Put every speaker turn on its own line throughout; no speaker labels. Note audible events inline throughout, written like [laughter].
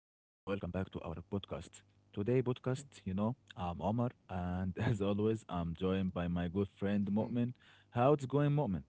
welcome back to our podcast. Today I'm Omar, and [laughs] as always, I'm joined by my good friend Mu'min. How it's going, Mu'min?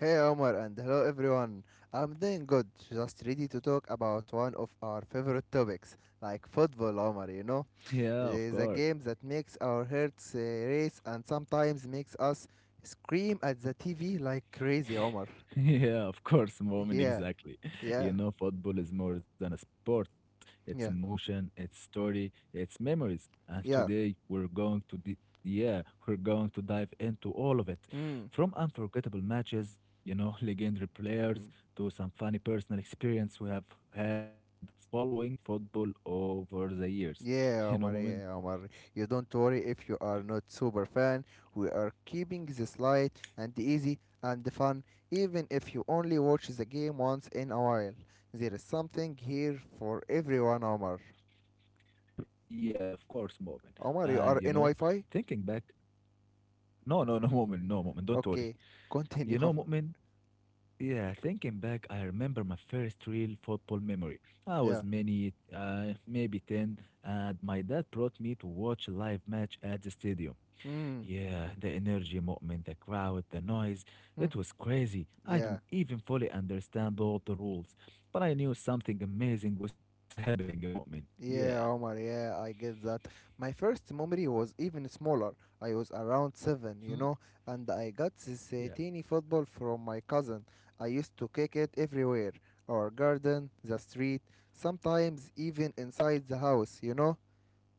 Hey Omar, and hello everyone. I'm doing good, just ready to talk about one of our favorite topics, like football, Omar, you know?
Yeah,
It
of
is a
course.
game that makes our hearts race and sometimes makes us scream at the TV like crazy, Omar.
[laughs] Yeah, of course, moment,
Yeah,
exactly. [laughs] You
yeah,
know, football is more than a sport. It's
yeah,
emotion, it's story, it's memories. And
yeah.
today we're going to dive into all of it.
Mm.
From unforgettable matches, you know, [laughs] legendary players to some funny personal experience we have had following football over the years. [laughs] You know,
Yeah,
moment.
Omar, yeah, Omar. You don't worry if you are not super fan. We are keeping this light and easy and fun, even if you only watch the game once in a while. There is something here for everyone, Omar.
Yeah, of course, moment. And you
Omar, you
know,
are in Wi
thinking
Fi?
back, no, no, no, [laughs] moment, no, moment. Don't worry.
Okay, continue,
You
[laughs]
know,
Omar.
moment. Yeah, thinking back, I remember my first real football memory. I was
Yeah.
many, maybe 10, and my dad brought me to watch a live match at the stadium.
Mm.
Yeah, the energy, movement, the crowd, the noise,
Mm.
it was crazy. I
Yeah.
didn't even fully understand all the rules, but I knew something amazing was [laughs] happening, moment. Yeah.
Yeah, Omar, yeah, I get that. My first memory was even smaller. I was around seven,
Mhm.
you know, and I got this
Yeah.
teeny football from my cousin. I used to kick it everywhere, our garden, the street, sometimes even inside the house, you know.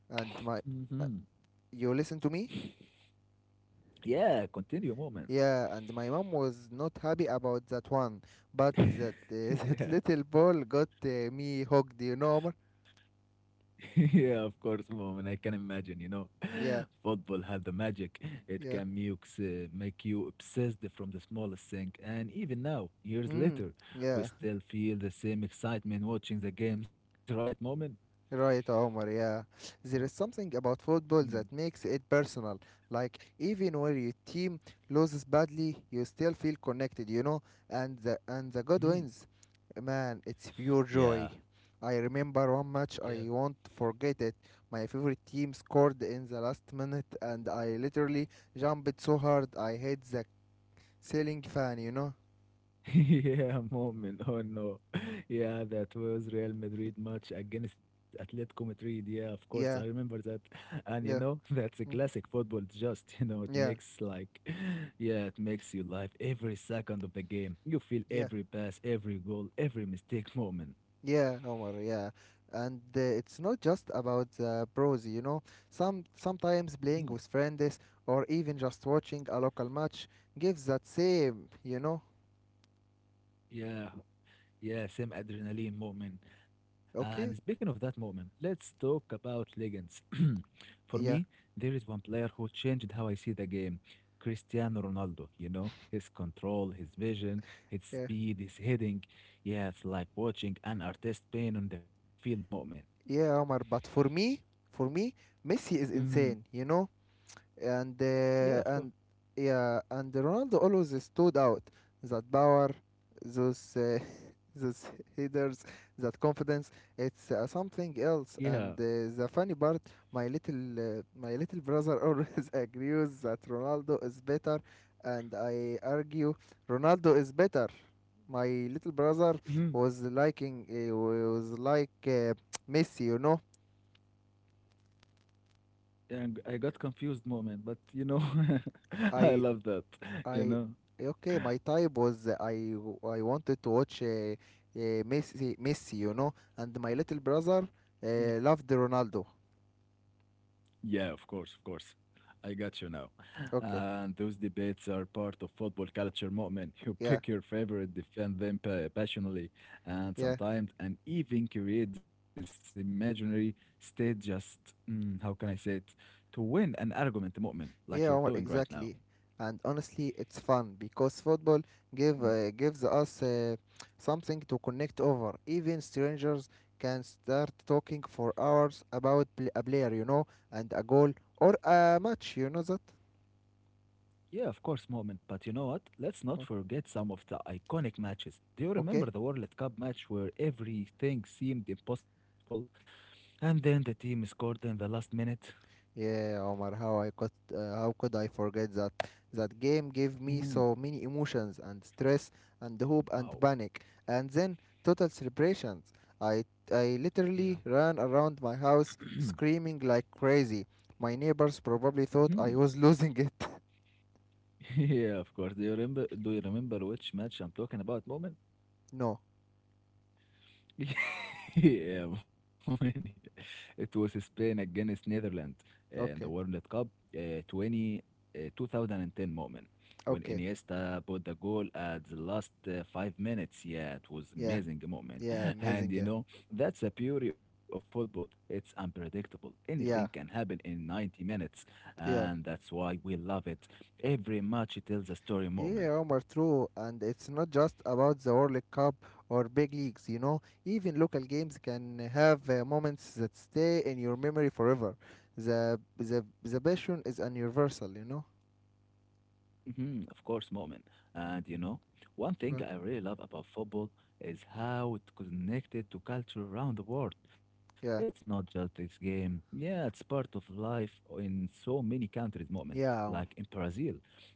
And my. uh,
hmm
You listen to me?
Yeah, continue, moment.
Yeah, and my mom was not happy about that one, but that, [laughs] that
[laughs] Yeah.
little ball got me hooked, you know, Omar?
[laughs] Yeah, of course, Mom, and I can imagine, you know, [gasps]
Yeah,
[laughs] football has the magic. It
yeah.
can make you obsessed from the smallest thing. And even now, years
Mm,
later, we
yeah.
still feel the same excitement watching the games, right, Mom?
Right, Omar, yeah. There is something about football that makes it personal. Like, even when your team loses badly, you still feel connected, you know? And the good
Mm-hmm.
wins, man, it's pure
Yeah,
joy. I remember one match,
yeah.
I won't forget it. My favorite team scored in the last minute, and I literally jumped so hard I hit the ceiling fan, you know?
[laughs] Yeah, moment. Oh no. [laughs] Yeah, that was Real Madrid match against Atletico Madrid. Yeah, of course, I
Yeah,
remember that. [laughs] And you know,
yeah,
[laughs] that's a
mm,
classic football. Just, you know, it
yeah,
makes like, [sighs] [laughs] yeah, it makes you live every second of the game. You feel
yeah.
every pass, every goal, every mistake moment.
Yeah, Omar, yeah. And it's not just about pros, you know. Sometimes
Mhm.
playing with friends or even just watching a local match gives that same, you know.
Yeah. Yeah, same adrenaline, Mu'min. And
Okay?
speaking of that, Mu'min, let's talk about legends. [clears throat] For me,
Yeah,
there is one player who changed how I see the game. Cristiano Ronaldo, you know, his control, his vision, his
yeah.
speed, his heading. Yeah, it's like watching an artist paint on the field, Mu'min.
Yeah, Omar, but for me, Messi is
Hmm.
insane, you know. and
Yeah, of
uh,
course.
and yeah, and Ronaldo always stood out. That power, those [laughs] those headers, that confidence, it's something else.
Yeah.
And the funny part, my little brother [laughs] always agrees that Ronaldo is better, and I argue Ronaldo is better. My little brother
[clears throat] Mhm.
was like Messi, you know.
And I got confused, Mu'min, but you know, [laughs] I
I
love that, you
I
know.
okay, my type was I wanted to watch Messi, you know, and my little brother uh, loved Ronaldo.
Yeah, of course, of course. I got you now. [laughs]
Okay,
And those debates are part of football culture moment. You
yeah,
pick your favorite, defend them passionately, and
yeah,
sometimes, and even create this imaginary state just, mm, how can I say it, to win an argument, moment, like
yeah,
you're
Omar,
doing right now.
exactly. And honestly, it's fun because football give
Mhm.
gives us something to connect over. Even strangers can start talking for hours about a player, you know, and a goal or a match. You know that?
Yeah, of course, moment. But you know what? Let's not
O-
forget some of the iconic matches. Do you
Okay.
remember the World Cup match where everything seemed impossible and then the team scored in the last minute.
Yeah, Omar, how could I forget that? That game gave me
Mhm.
so many emotions and stress and hope and
Wow.
panic and then total celebrations. I I
Yeah.
literally ran around my
[clears throat]
house screaming like crazy. My neighbors probably thought
Mhm.
I was [laughs] losing it.
[laughs] Yeah, of course. Do you remember which match I'm talking about moment?
No.
[laughs] Yeah, man. It was Spain against Netherlands in the
Okay.
World Cup uh, 20, 2010 moment when
Okay.
Iniesta put the goal at the last 5 minutes. Yeah, it was
Yeah.
amazing moment.
Yeah,
[laughs] And
amazing.
you
Yeah.
know, that's the beauty of football. It's unpredictable. Anything can
Yeah.
happen in 90 minutes. And
Yeah.
that's why we love it. Every match tells a story moment.
Yeah, Omar, true. And it's not just about the World Cup or big leagues, you know. Even local games can have moments that stay in your memory forever. The passion is universal, you know.
Of course, moment. And you know, one thing
Uh,
I really love about football is how it connected to culture around the world. It's
Yeah,
not just this game. Yeah, it's part of life in so many countries, moment.
yeah,
Like
Omar.
in Brazil,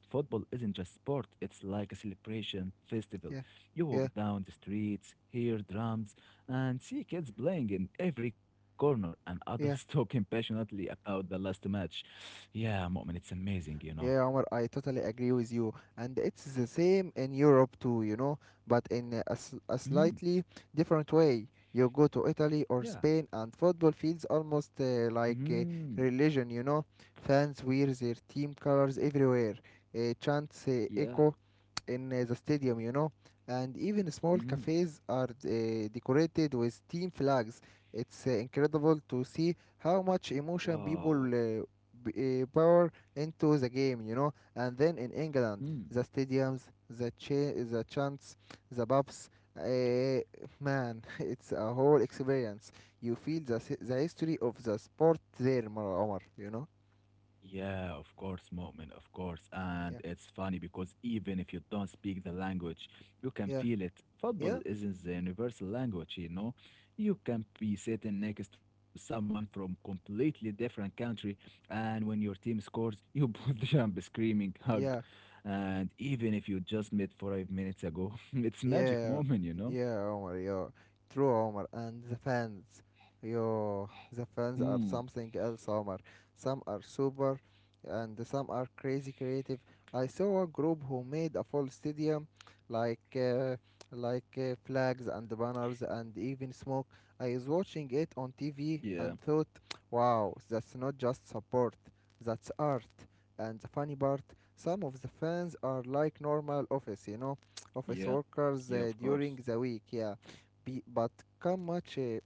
football isn't just sport, it's like a celebration festival.
Yeah,
You walk
yeah,
down the streets, hear drums, and see kids playing in every corner and adults [laughs]
yeah.
talking passionately about the last match. Yeah, moment, it's amazing, you know.
Yeah, Omar, I totally agree with you. And it's the same in Europe too, you know, but in a
Mm-hmm.
slightly different way. You go to Italy or
Yeah.
Spain, and football feels almost like a
Mhm.
religion, you know. Fans wear their team colors everywhere. Chants
Yeah.
echo in the stadium, you know, and even small
Mhm.
cafes are decorated with team flags. It's incredible to see how much emotion
Wow.
people pour into the game, you know. And then in England,
Mm.
the stadiums, the chants, the pubs, uh, man, [laughs] it's a whole experience. You feel the history of the sport there, Omar. You know?
Yeah, of course, Mu'min, of course. And
Yeah,
it's funny because even if you don't speak the language, you can
yeah,
feel it. Football
yeah,
isn't the universal language, you know. You can be sitting next to someone from completely different country, and when your team scores, you [laughs] both jump, screaming, hug,
yeah.
and even if you just met 5 minutes ago, [laughs] it's magic
Yeah,
moment, you know.
yeah, Omar, yeah. True, Omar. And the fans, yo, the
Hmm.
fans are something else, Omar. Some are super and some are crazy creative. I saw a group who made a full stadium, like uh, like flags and banners and even smoke. I was watching it on
Yeah.
TV and thought, wow, that's not just support, that's art. And the funny part, some of the fans are like normal office, you know, office
Yeah,
workers
yeah, of
during
course. [laughs]
the week, yeah. Be, come much uh,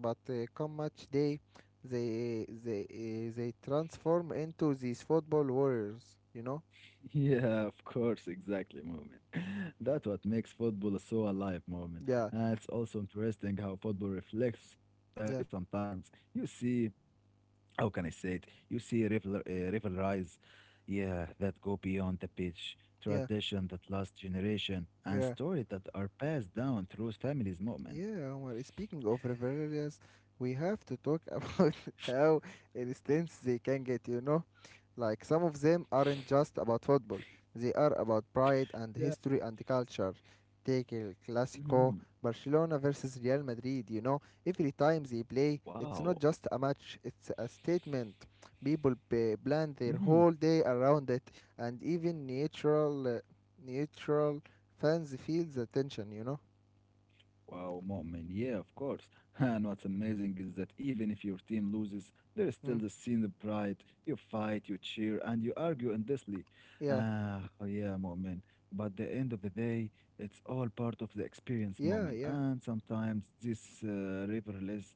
but come much day they transform into these football warriors, you know.
Yeah, of course, exactly, Moment. [laughs] That's what makes football so alive, Moment.
Yeah,
And it's also interesting how football reflects society
yeah,
sometimes. You see, how can I say it? You see rivalries, yeah, that go beyond the pitch,
yeah,
tradition that lasts generation, and
yeah,
stories that are passed down through families, Moment.
yeah, Omar, speaking of rivalries, we have to talk [laughs] about how intense they can get, you know. Like, some of them aren't just about football, they are about pride and
Yeah.
history and culture. Take El Clasico,
Hmm.
Barcelona versus Real Madrid, you know, every time they play,
Wow.
it's not just a match, it's a statement. Plan their whole day around it, and even neutral fans feel the tension, you know?
Wow, Mu'min, yeah, of course. [laughs] And what's amazing is that even if your team loses, there is still
Mm.
the scene of pride. You fight, you cheer, and you argue endlessly.
Yeah,
Ah, oh yeah, Mu'min. But the end of the day, it's all part of the experience,
yeah,
Mu'min.
yeah,
And sometimes this rivalries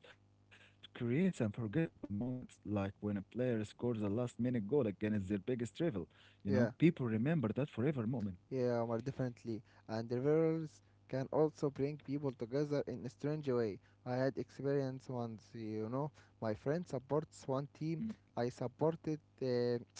creates unforgettable moments, like when a player scores a last-minute goal against their biggest rival. You know,
yeah.
people remember that forever, Mu'min.
Yeah, more differently, and rivers can also bring people together in a strange way. I had experience once, you know. My friend supports one
Mm,
team. I supported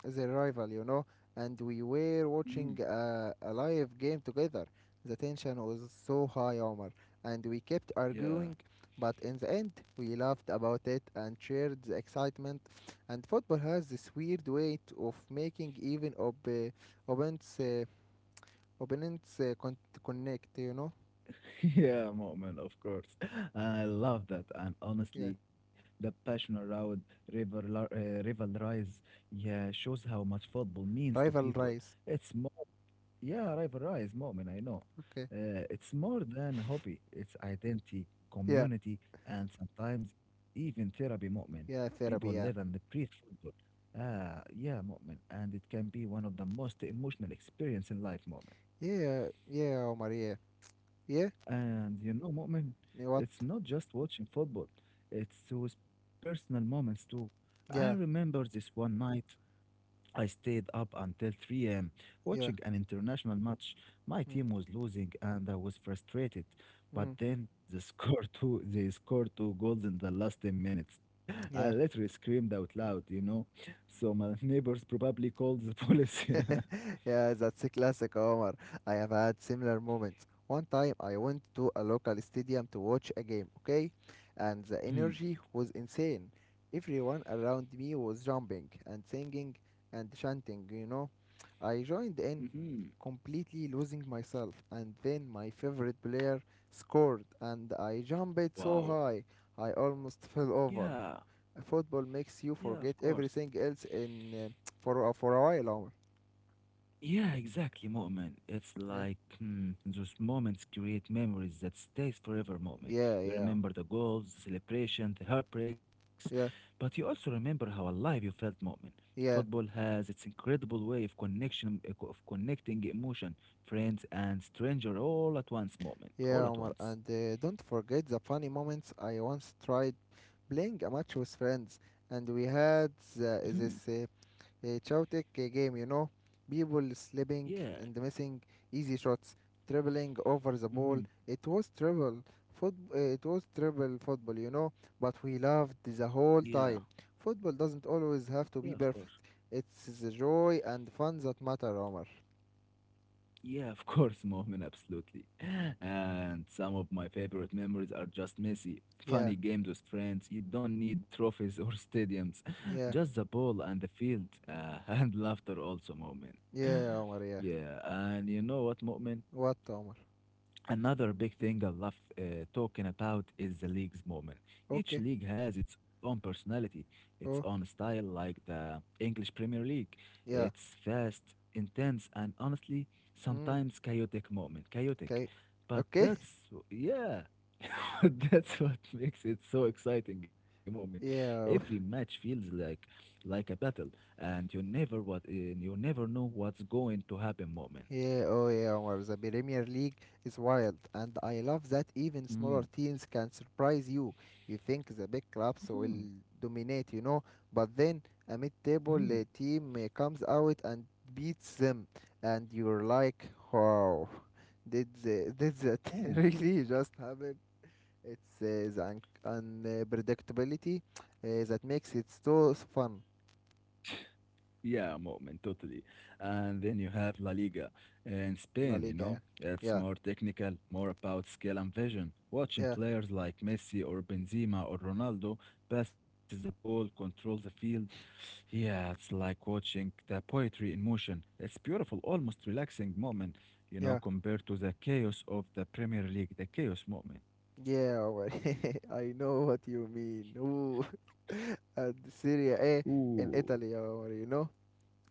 the rival, you know, and we were
mhm.
watching a live game together. The tension was so high, Omar, and we kept
Yeah.
arguing, but in the end, we laughed about it and shared the excitement. And football has this weird way of making even opponents uh, opponents connect, you know.
[laughs] Yeah, moment of course. I love that. And
Yeah,
honestly, the passion around rivalries, yeah, shows how much football means to
rival
people.
rise,
It's more, yeah, rivalries, moment. I know.
okay,
It's more than a hobby. It's identity,
yeah,
community, and sometimes even therapy, moment.
yeah,
People live
therapy,
and they
yeah,
breathe football. Ah, yeah, moment, and it can be one of the most emotional experience in life, moment.
yeah, yeah, Omar, yeah, yeah.
And you know, Mu'min,
Yeah, what?
it's not just watching football, it's those personal moments too. I
Yeah,
remember this one night I stayed up until 3 a.m.
yeah,
watching an international match. My
mm,
team was losing and I was frustrated. But
mm,
then [laughs] the score two, they scored two goals in the last 10 minutes. [laughs] I
yeah.
literally screamed out loud, you know. So my [laughs] neighbors probably called the police. [laughs]
[laughs] yeah, that's a classic, Omar. I have had similar moments, one time I went to a local stadium to watch a game, okay, and the energy was insane, everyone around me was jumping and singing and chanting, you know. I joined in,
Mm-hmm.
completely losing myself. And then my favorite player scored, and I jumped so
Wow.
high, I almost [laughs] fell over.
Yeah.
Football makes you
Yeah, of
forget
course.
everything else in for a while, Omar.
Yeah, exactly, Mu'min. It's
Yeah,
like hmm, those moments create memories that stays forever, Mu'min.
yeah,
You
yeah,
remember the goals, the celebration, the heartbreaks,
yeah,
but you also remember how alive you felt, Mu'min. Football
yeah,
has its incredible way of connection, of connecting emotion, friends and stranger all at once, Mu'min. All
yeah,
at
Omar.
once.
And don't forget the funny moments. I once tried playing a match with friends, and we had the,
hmm
this uh, uh, chaotic game, you know. People slipping
Yeah.
and missing easy shots, dribbling over the ball.
hmm
It was triple It was triple football, you know. But we loved the
Yeah.
whole time. Football doesn't always
Yeah,
have
of
to be
course.
perfect. It's the joy and fun that matter, Omar.
Yeah, of [laughs] course, Mohammed, absolutely. [laughs] And some of my favorite memories are just messy,
Yeah,
funny games with friends. You don't need trophies or stadiums, [laughs]
yeah,
just the ball and the field, [laughs] and laughter also, Mohammed. [laughs]
yeah, Omar. Yeah.
Yeah, and you know what, Mohammed?
What, Omar?
Another big thing I love talking about is the league's moment. Each
Okay.
league has its own personality, its own
Oh,
style, like the English Premier League.
yeah.
It's fast, intense, and honestly,
Mm.
sometimes chaotic moment. Chaotic.
Okay.
But
Okay. [laughs]
that's, yeah, [laughs] that's what makes it so exciting a moment. Every
Yeah.
match feels like a battle, and you never know what's going to happen moment.
Yeah, oh yeah, Omar. The Premier League is wild, and I love that even smaller
Mm.
teams can surprise you. You think the big clubs will
Mhm.
dominate, you know, but then a
Mhm.
mid-table team comes out and beats them, and you're like, wow, did that [laughs]
Mhm.
really just happen? It's the un unpredictability that makes it so fun.
Yeah, Mu'min, totally. And then you have La Liga in
La
Spain, you
Liga, yeah,
know. It's
yeah,
more technical, more about skill and vision. Watching
yeah,
players like Messi or Benzema or Ronaldo passes the ball, control the field. Yeah, it's like watching the poetry in motion. It's beautiful, almost relaxing moment, you know,
yeah.
compared to the chaos of the Premier League, the chaos moment.
Yeah, Omar. [laughs] I know what you mean. Ooh, [laughs] and Syria A
Ooh,
in Italy, Omar, you know?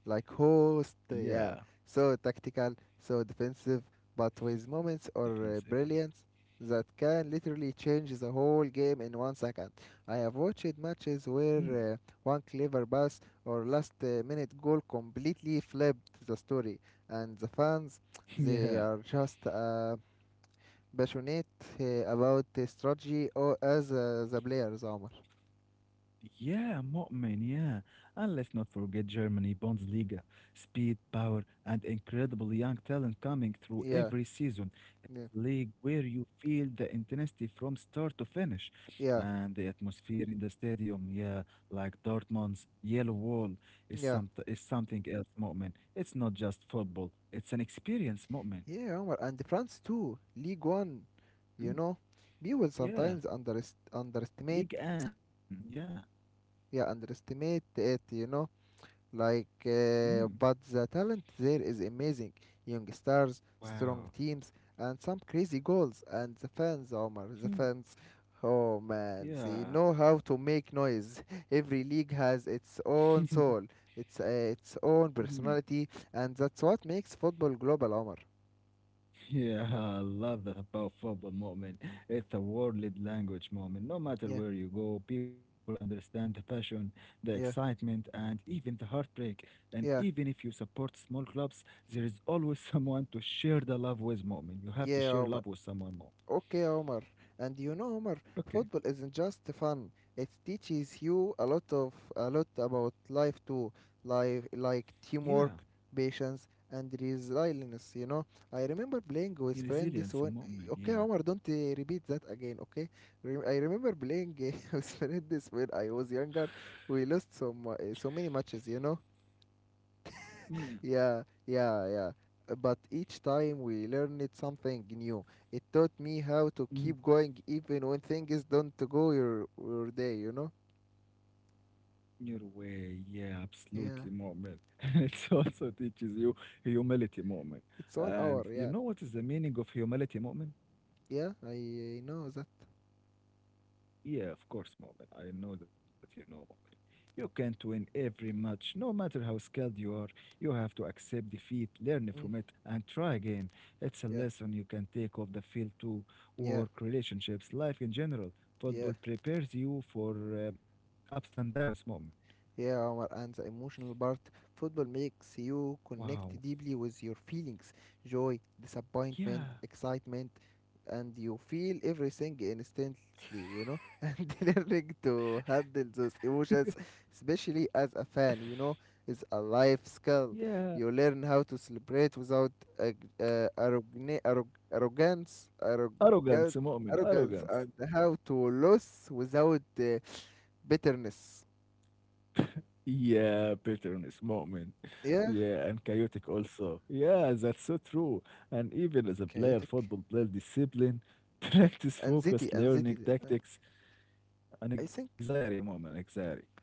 Like host,
yeah,
yeah. So tactical, so defensive, but with moments or
defensive, yeah.
brilliance that can literally change the whole game in one second. I have watched matches where one clever pass or last minute goal completely flipped the story, and the fans,
[laughs] Yeah.
they are just amazed, passionate uh, about the strategy or as the players, Omar.
Yeah, Mu'min, yeah. And let's not forget Germany, Bundesliga, speed, power, and incredible young talent coming through
Yeah,
every season. It's
yeah,
a league where you feel the intensity from start to finish.
yeah,
And the atmosphere in the stadium, yeah, like Dortmund's yellow wall,
yeah,
is something else, Mu'min. It's not just football, it's an experience, Mu'min.
yeah, Omar, and France too, League One, you
Mm,
know. people
yeah,
sometimes underest- underestimate,
League Anne, yeah.
yeah, underestimate it, you know. Like,
Mm,
but the talent there is amazing. Young stars, strong
wow.
teams, and some crazy goals. And the fans, Omar, the
Hmm,
fans, oh man, they
yeah.
know how to make noise. [laughs] Every league has its own soul, its own
[laughs]
personality, and that's what makes football global, Omar.
Yeah, I love that about football moment. It's a world language moment. No matter
Yeah,
where you go, people understand the passion, the
yeah,
excitement, and even the heartbreak. And
yeah,
even if you support small clubs, there is always [laughs] someone to share the love with moment. You have to
yeah,
share
Omar.
love with someone more.
Okay, Omar. And you know, Omar,
Okay.
football isn't just fun. It teaches you a lot about life too, life like
Yeah.
teamwork, patience, and resilience. You know, I remember playing
Your
with friends
resilience and
when.
moment.
Okay,
Yeah.
Omar, don't repeat that again. Okay, I remember playing [laughs] with friends when I was younger. We lost so many matches. You know,
Yeah.
yeah, yeah, yeah. But each time we learned something new. It taught me how to keep going even when things don't go your day, you know?
Your way, yeah, absolutely,
Yeah.
moment. [laughs] And it also teaches you humility, moment.
It's one
And
hour,
you
yeah.
know what is the meaning of humility, moment?
Yeah, I, I know that.
Yeah, of course, moment. I know that you know, moment. You can't win every match, no matter how skilled you are. You have to accept defeat, learn from
Mm.
it, and try again. It's a
Yeah,
lesson you can take off the field to
yeah,
work, relationships, life in general.
yeah.
Football prepares you for ups and downs, moment.
Yeah, Omar, and the emotional part. Football makes you
Wow.
connect deeply with your feelings, joy, disappointment,
Yeah.
excitement, and you feel everything instantly, you know? [laughs] And learning to handle those emotions, especially as a fan, you know, is a life skill.
Yeah.
You learn how to celebrate without ag- uh, arrogna- arrog- arrogance, arrogance,
Arrogance مؤمن
arrogance, and
arrogance.
how to lose without bitterness.
Yeah, bitterness مؤمن.
Yeah,
Yeah, and chaotic also. Yeah, that's so true. And even as a player,
chaotic
football player discipline, [laughs]
uh,
practice
anxiety
focus,
anxiety
learning
uh,
tactics, and
I think.
anxiety مؤمن anxiety.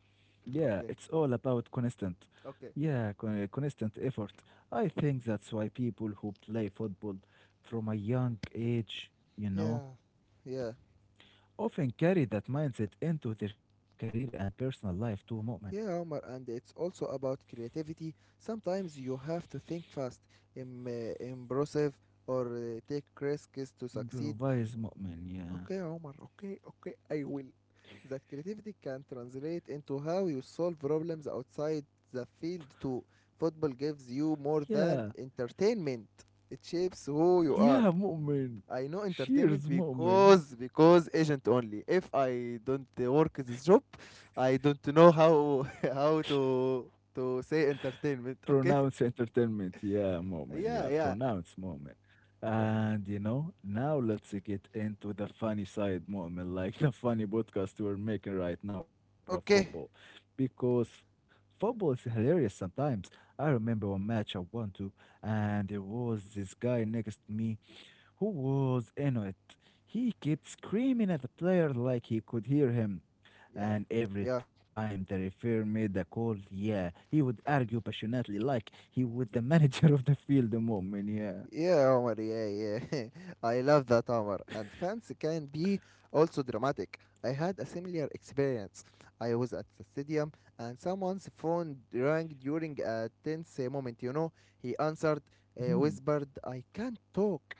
Yeah, it's
Okay,
all about constant.
okay.
Yeah, constant effort. I think that's why people who play football from a young age, you
Yeah,
know,
yeah,
often carry that mindset into their career and personal life too, مؤمن.
yeah, Omar. And it's also about creativity. Sometimes you have to think fast. Impressive. Or take risks to succeed.
Improvise مؤمن, yeah,
Okay, Omar. Okay, okay, I will. That creativity can translate into how you solve problems outside the field too. Football gives you more
yeah,
than entertainment. It shapes who you are.
yeah مؤمن,
I know
cheers
entertainment
مؤمن,
because agent only. If I don't work this job, I don't know how [laughs] how to say entertainment.
pronounce
Okay. [laughs]
entertainment, yeah مؤمن, yeah,
Yeah, yeah.
pronounce مؤمن.
Yeah.
And you know, now let's get into the funny side مؤمن, [laughs] like the funny podcast we're making right now about football,
Okay.
because football is hilarious sometimes. I remember one match I went to, and there was this guy next to me who was in it. He kept screaming at the player like he could hear him.
Yeah.
And every
Yeah.
time the referee made a call, yeah, he would argue passionately like he was the [laughs] manager of the field moment, yeah.
Yeah, Omar. Yeah, yeah. [laughs] I love that, Omar. And fans can be also dramatic. I had a similar experience. I was at the stadium and someone's phone rang during a tense moment, you know. He answered, whispered, I can't talk.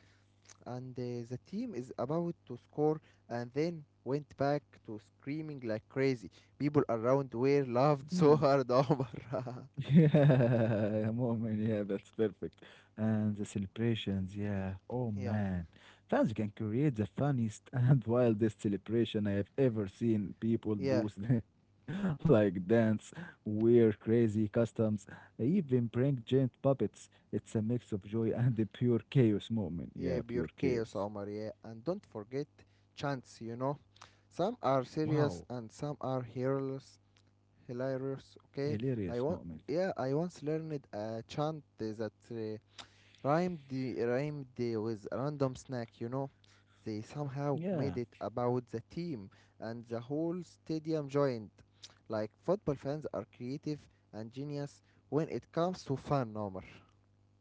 And the team is about to score, and then went back to screaming like crazy. People around were laughed
[laughs]
so hard, [laughs] Omar. [laughs]
Yeah, [laughs] moment. Yeah, that's perfect. And the celebrations, yeah. Oh
Yeah,
man, fans can create the funniest [laughs] and wildest celebration I have ever seen people
yeah,
do, [laughs] like dance, wear crazy customs, even bring giant puppets. It's a mix of joy and the pure chaos moment.
yeah,
Yeah,
pure
pure
chaos,
chaos.
Omar, yeah. And don't forget chants, you know. Some are serious
Wow,
and some are hilarious, okay?
hilarious
I
moment.
want, yeah, I once learned a chant that rhymed the with random snack, you know. They somehow made
Yeah.
it about the team, and the whole stadium joined, like football fans are creative and genius when it comes to fun, Omar.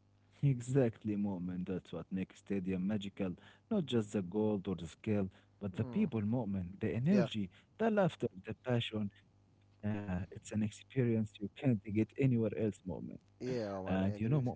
[laughs] Exactly, Mom, and that's what makes stadium magical. Not just the gold or the scale, but the
Mm.
people, Mom, the
Yeah.
energy, the laughter, the passion. It's an experience you can't get anywhere else, Mom.
Yeah,
And
Omar, I agree with.
Mom,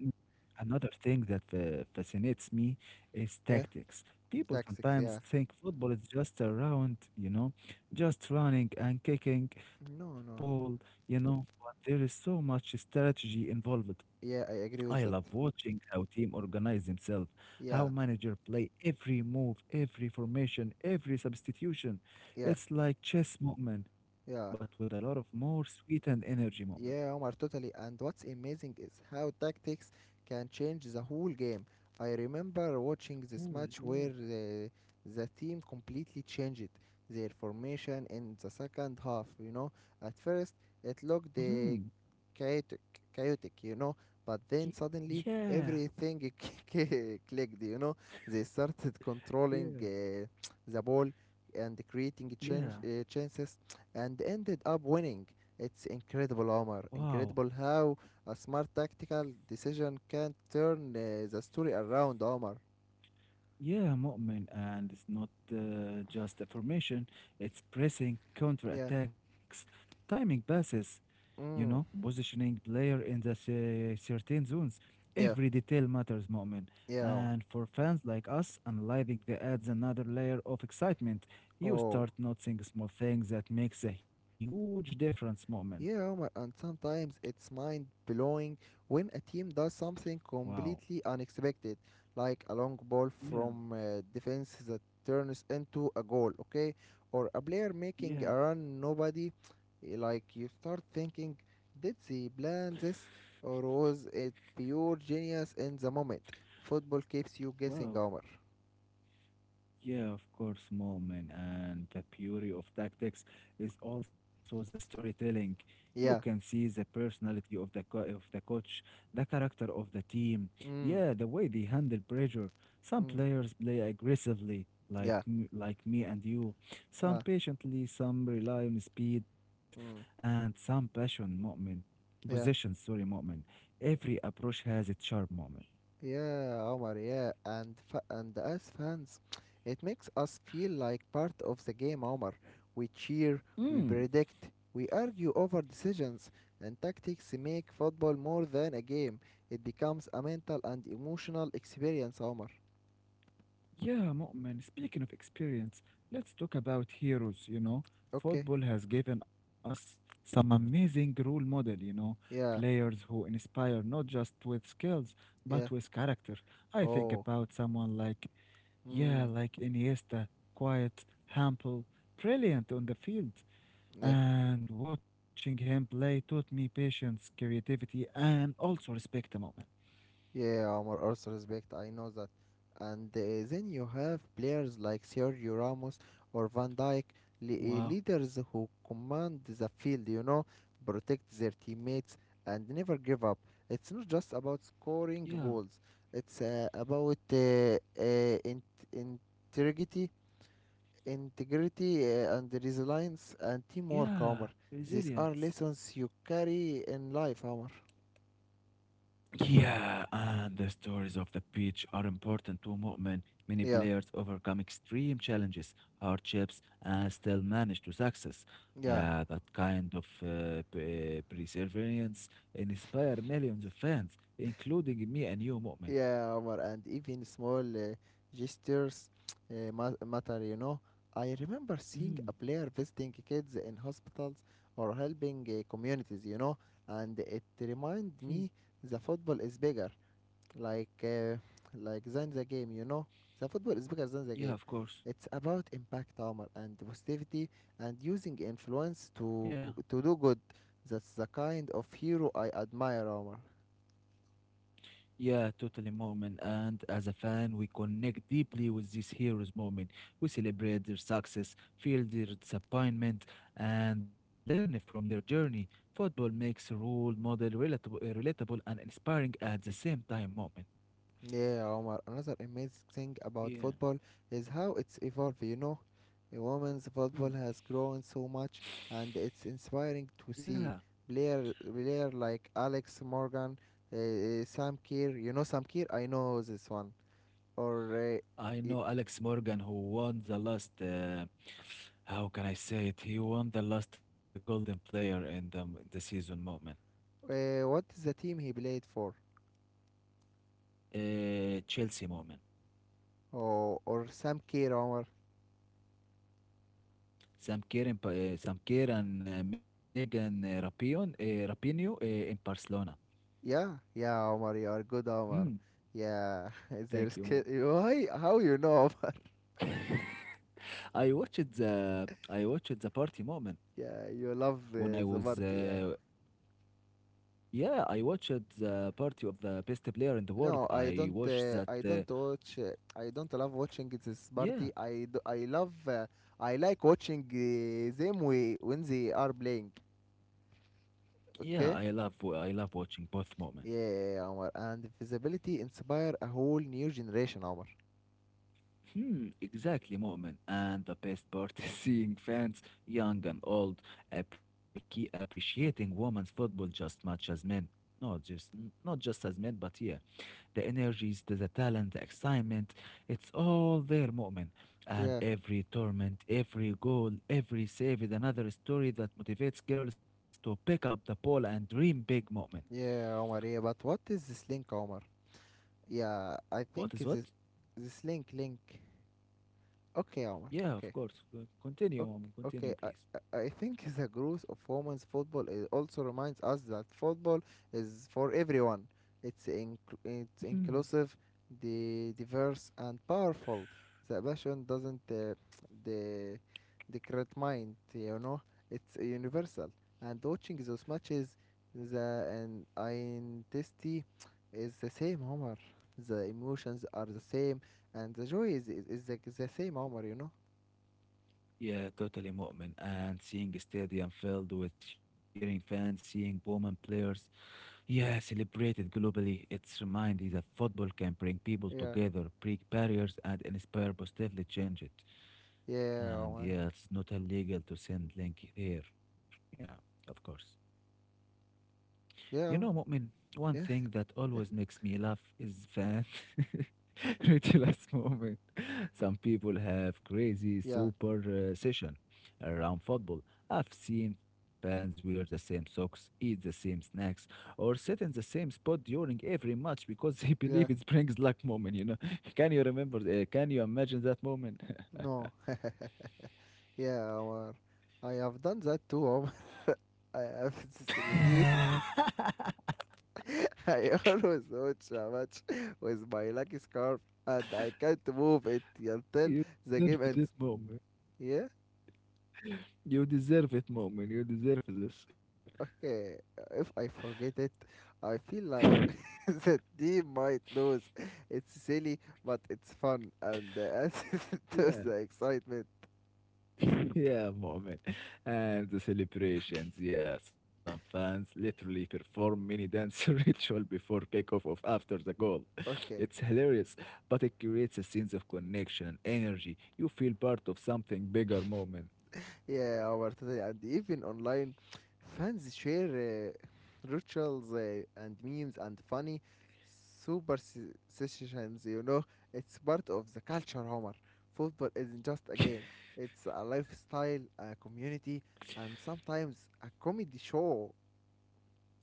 another thing that fascinates me is
Yeah,
tactics. People
tactics.
sometimes
Yeah.
think football is just around, you know, just running and kicking
No,
ball,
no.
you know, but there is so much strategy involved.
Yeah, I
I
agree with
love
that.
watching how team organize themselves, how
Yeah.
manager play every move, every formation, every substitution.
Yeah.
It's like chess moment, but with
Yeah.
a lot of more sweet and energy moment.
Yeah, Omar, totally. And what's amazing is how tactics can change the whole game. I remember watching this
Cool,
match where
yeah.
the team completely changed their formation in the second half. You know, at first it looked
Hmm.
chaotic, chaotic, you know. But
Ye-
then suddenly
Yeah.
everything [laughs] clicked, you know. They started controlling
Yeah.
the ball and creating
Yeah.
chances, and ended up winning. It's incredible, Omar.
Wow.
Incredible how a smart tactical decision can turn the story around, Omar.
Yeah, Mu'min. And it's not just a formation, it's pressing, counter
Yeah.
attacks, timing passes, you know,
Mm.
positioning player in the certain zones.
Yeah.
Every detail matters, Mu'min.
Yeah, Omar.
And for fans like us, analyzing the adds another layer of excitement. You
Oh.
start noticing small things that makes a huge difference, Mu'min.
Yeah, Omar, and sometimes it's mind blowing when a team does something
Wow.
completely unexpected, like a long ball
Yeah,
from defense that turns into a goal, okay? Or a player making
yeah.
a run nobody, eh, like you start thinking, did they plan this or was it pure genius in the moment? Football keeps you guessing,
Wow.
Omar.
Yeah, of course, moment, and the beauty of tactics is also the storytelling. You can
Yeah.
see the personality of the of the coach, the character of the team.
Mm.
Yeah, the way they handle pressure. Some
Mm.
players play aggressively, like
Yeah.
like me and you. Some
Ah.
patiently, some rely on speed,
Mm.
and some passion. Moment, possession.
Yeah.
Sorry, moment. Every approach has its charm.
Yeah, Omar, yeah. And fa and as fans, it makes us feel like part of the game, Omar. We cheer, we
Moment.
predict, we argue over decisions, and tactics make football more than a game. It becomes a mental and emotional experience, Omar.
Yeah, Mu'min, speaking of experience, let's talk about heroes, you know.
Okay.
Football has given us some amazing role model, you know,
Yeah,
players who inspire not just with skills,
yeah.
but with character. I think
Oh.
about someone like, yeah,
Hmm.
like Iniesta, quiet, humble, brilliant on the field.
Yeah.
And watching him play taught me patience, creativity, and also respect, Mu'min.
Yeah, Omar, also respect. I know that. And then you have players like Sergio Ramos or Van Dijk,
Wow.
leaders who command the field, you know, protect their teammates and never give up. It's not just about scoring
Yeah.
goals. It's about integrity, integrity, and resilience and teamwork,
Yeah.
Omar. These are
Resilience.
lessons you carry in life, Omar.
Yeah, and the stories of the beach are important to Mu'min. Many
Yeah,
players overcome extreme challenges, hardships, and still manage to success.
yeah.
Yeah, that kind of perseverance inspire millions of fans, including me and you, Mu'min.
Yeah, Omar, and even small gestures matter, you know. I remember seeing a
Mhm,
player visiting kids in hospitals or helping communities, you know, and it
mhm.
reminded me the football is bigger, like uh, like than the game, you know. The football is bigger than the
Yeah,
game.
of course.
It's about impact, Omar, and positivity, and using influence
Yeah.
to do good. That's the kind of hero I admire, Omar.
Yeah, totally, Moment. And as a fan, we connect deeply with these heroes' moment. We celebrate their success, feel their disappointment, and learn from their journey. Football makes a role model relatable, relatable and inspiring at the same time, Moment.
Yeah, Omar. Another amazing thing about
Yeah.
football is how it's evolved, you know. The women's
Hmm.
football has grown so much, and it's inspiring to
Yeah,
see player like Alex Morgan, Sam Kerr. You know Sam Kerr? I know this one. Or
I
y-
know Alex Morgan, who won the last how can I say it? He won the last golden player in the season moment.
what is the team he played for?
Chelsea moment.
Or Sam Kerr, Omar.
Sam Kerr in, Sam Kerr and Megan Rapion, Rapinoe in Barcelona.
Yeah, yeah, Omar. You are good,
Mm,
Omar. Yeah, [laughs]
thank
there's
you, mom.
why? How you know, Omar? [laughs]
[laughs] I watched the party moment
Yeah, you
when
love
I was
the party. Yeah.
yeah, I watched the party of the best player in the world.
No, I
I
don't.
watched that
I don't watch. I don't love watching this
yeah,
party. I do, I love. I like watching them when they are playing.
yeah, I
Okay.
love I love watching both moment.
Yeah, Omar. And visibility inspire a whole new generation, Omar.
Hmm, exactly, Moment. And the best part [laughs] is seeing fans, young and old, appreciating women's football just much as men. Not just as men, but yeah, the energies, the talent, the excitement, it's all there, Moment. And
Yeah,
every tournament, every goal, every save is another story that motivates girls to pick up the ball and dream big, Moment.
yeah, Omar. Yeah, but what is this link, Omar? Yeah, I think
What
this
is what?
this link. Okay, Omar. Okay.
Yeah, of course.
Okay,
Continue, Moment.
okay. I,
Continue, please.
I I think [laughs] the growth of women's football is also reminds us that football is for everyone. It's
[laughs]
inclusive, the diverse and powerful. The passion doesn't the decrete mind, you know. It's universal. And watching those matches, the and intensity is the same, Omar. The emotions are the same, and the joy is the same, Omar. You know.
Yeah, totally, Mu'min. And seeing a stadium filled with cheering fans, seeing Bowman players, yeah, celebrated globally. It's reminds you that football can bring people
Yeah.
together, break barriers, and inspire positively change it.
Yeah,
And
Omar.
yeah, it's not illegal to send link here. Yeah, of course. You know,
Yeah, Omar.
Mu'min, one thing
Yeah,
that always makes me laugh is that [laughs] ridiculous moment. Some people have crazy
yeah,
super session around football. I've seen fans wear the same socks, eat the same snacks, or sit in the same spot during every match because [laughs] they believe
yeah.
it brings luck moment, you know. [laughs] Can you remember? Can you imagine that moment?
No. [laughs] Yeah, Omar. I have done that too, Omar. [laughs] I have this routine.
[laughs]
[laughs] I always watch a match with my lucky scarf, and I can't move it until
You
the
deserve
game
it
ends.
moment.
Yeah?
You deserve it moment. You deserve this.
Okay. If I forget it, I feel like
[laughs]
[laughs] the team might lose. It's silly, but it's fun and [laughs] adds to
Yeah.
the excitement.
[laughs] Yeah, moment. And the celebrations, yeah. Some fans literally perform mini dance [laughs] ritual before kickoff of after the goal. [laughs]
Okay.
It's hilarious, but it creates a sense of connection and energy. You feel part of something bigger moment.
Yeah, our totally, and even online, fans share rituals and memes and funny superstitions. You know, it's part of the culture, Homer. Football isn't just a game; it's a lifestyle, a community, and sometimes a comedy show.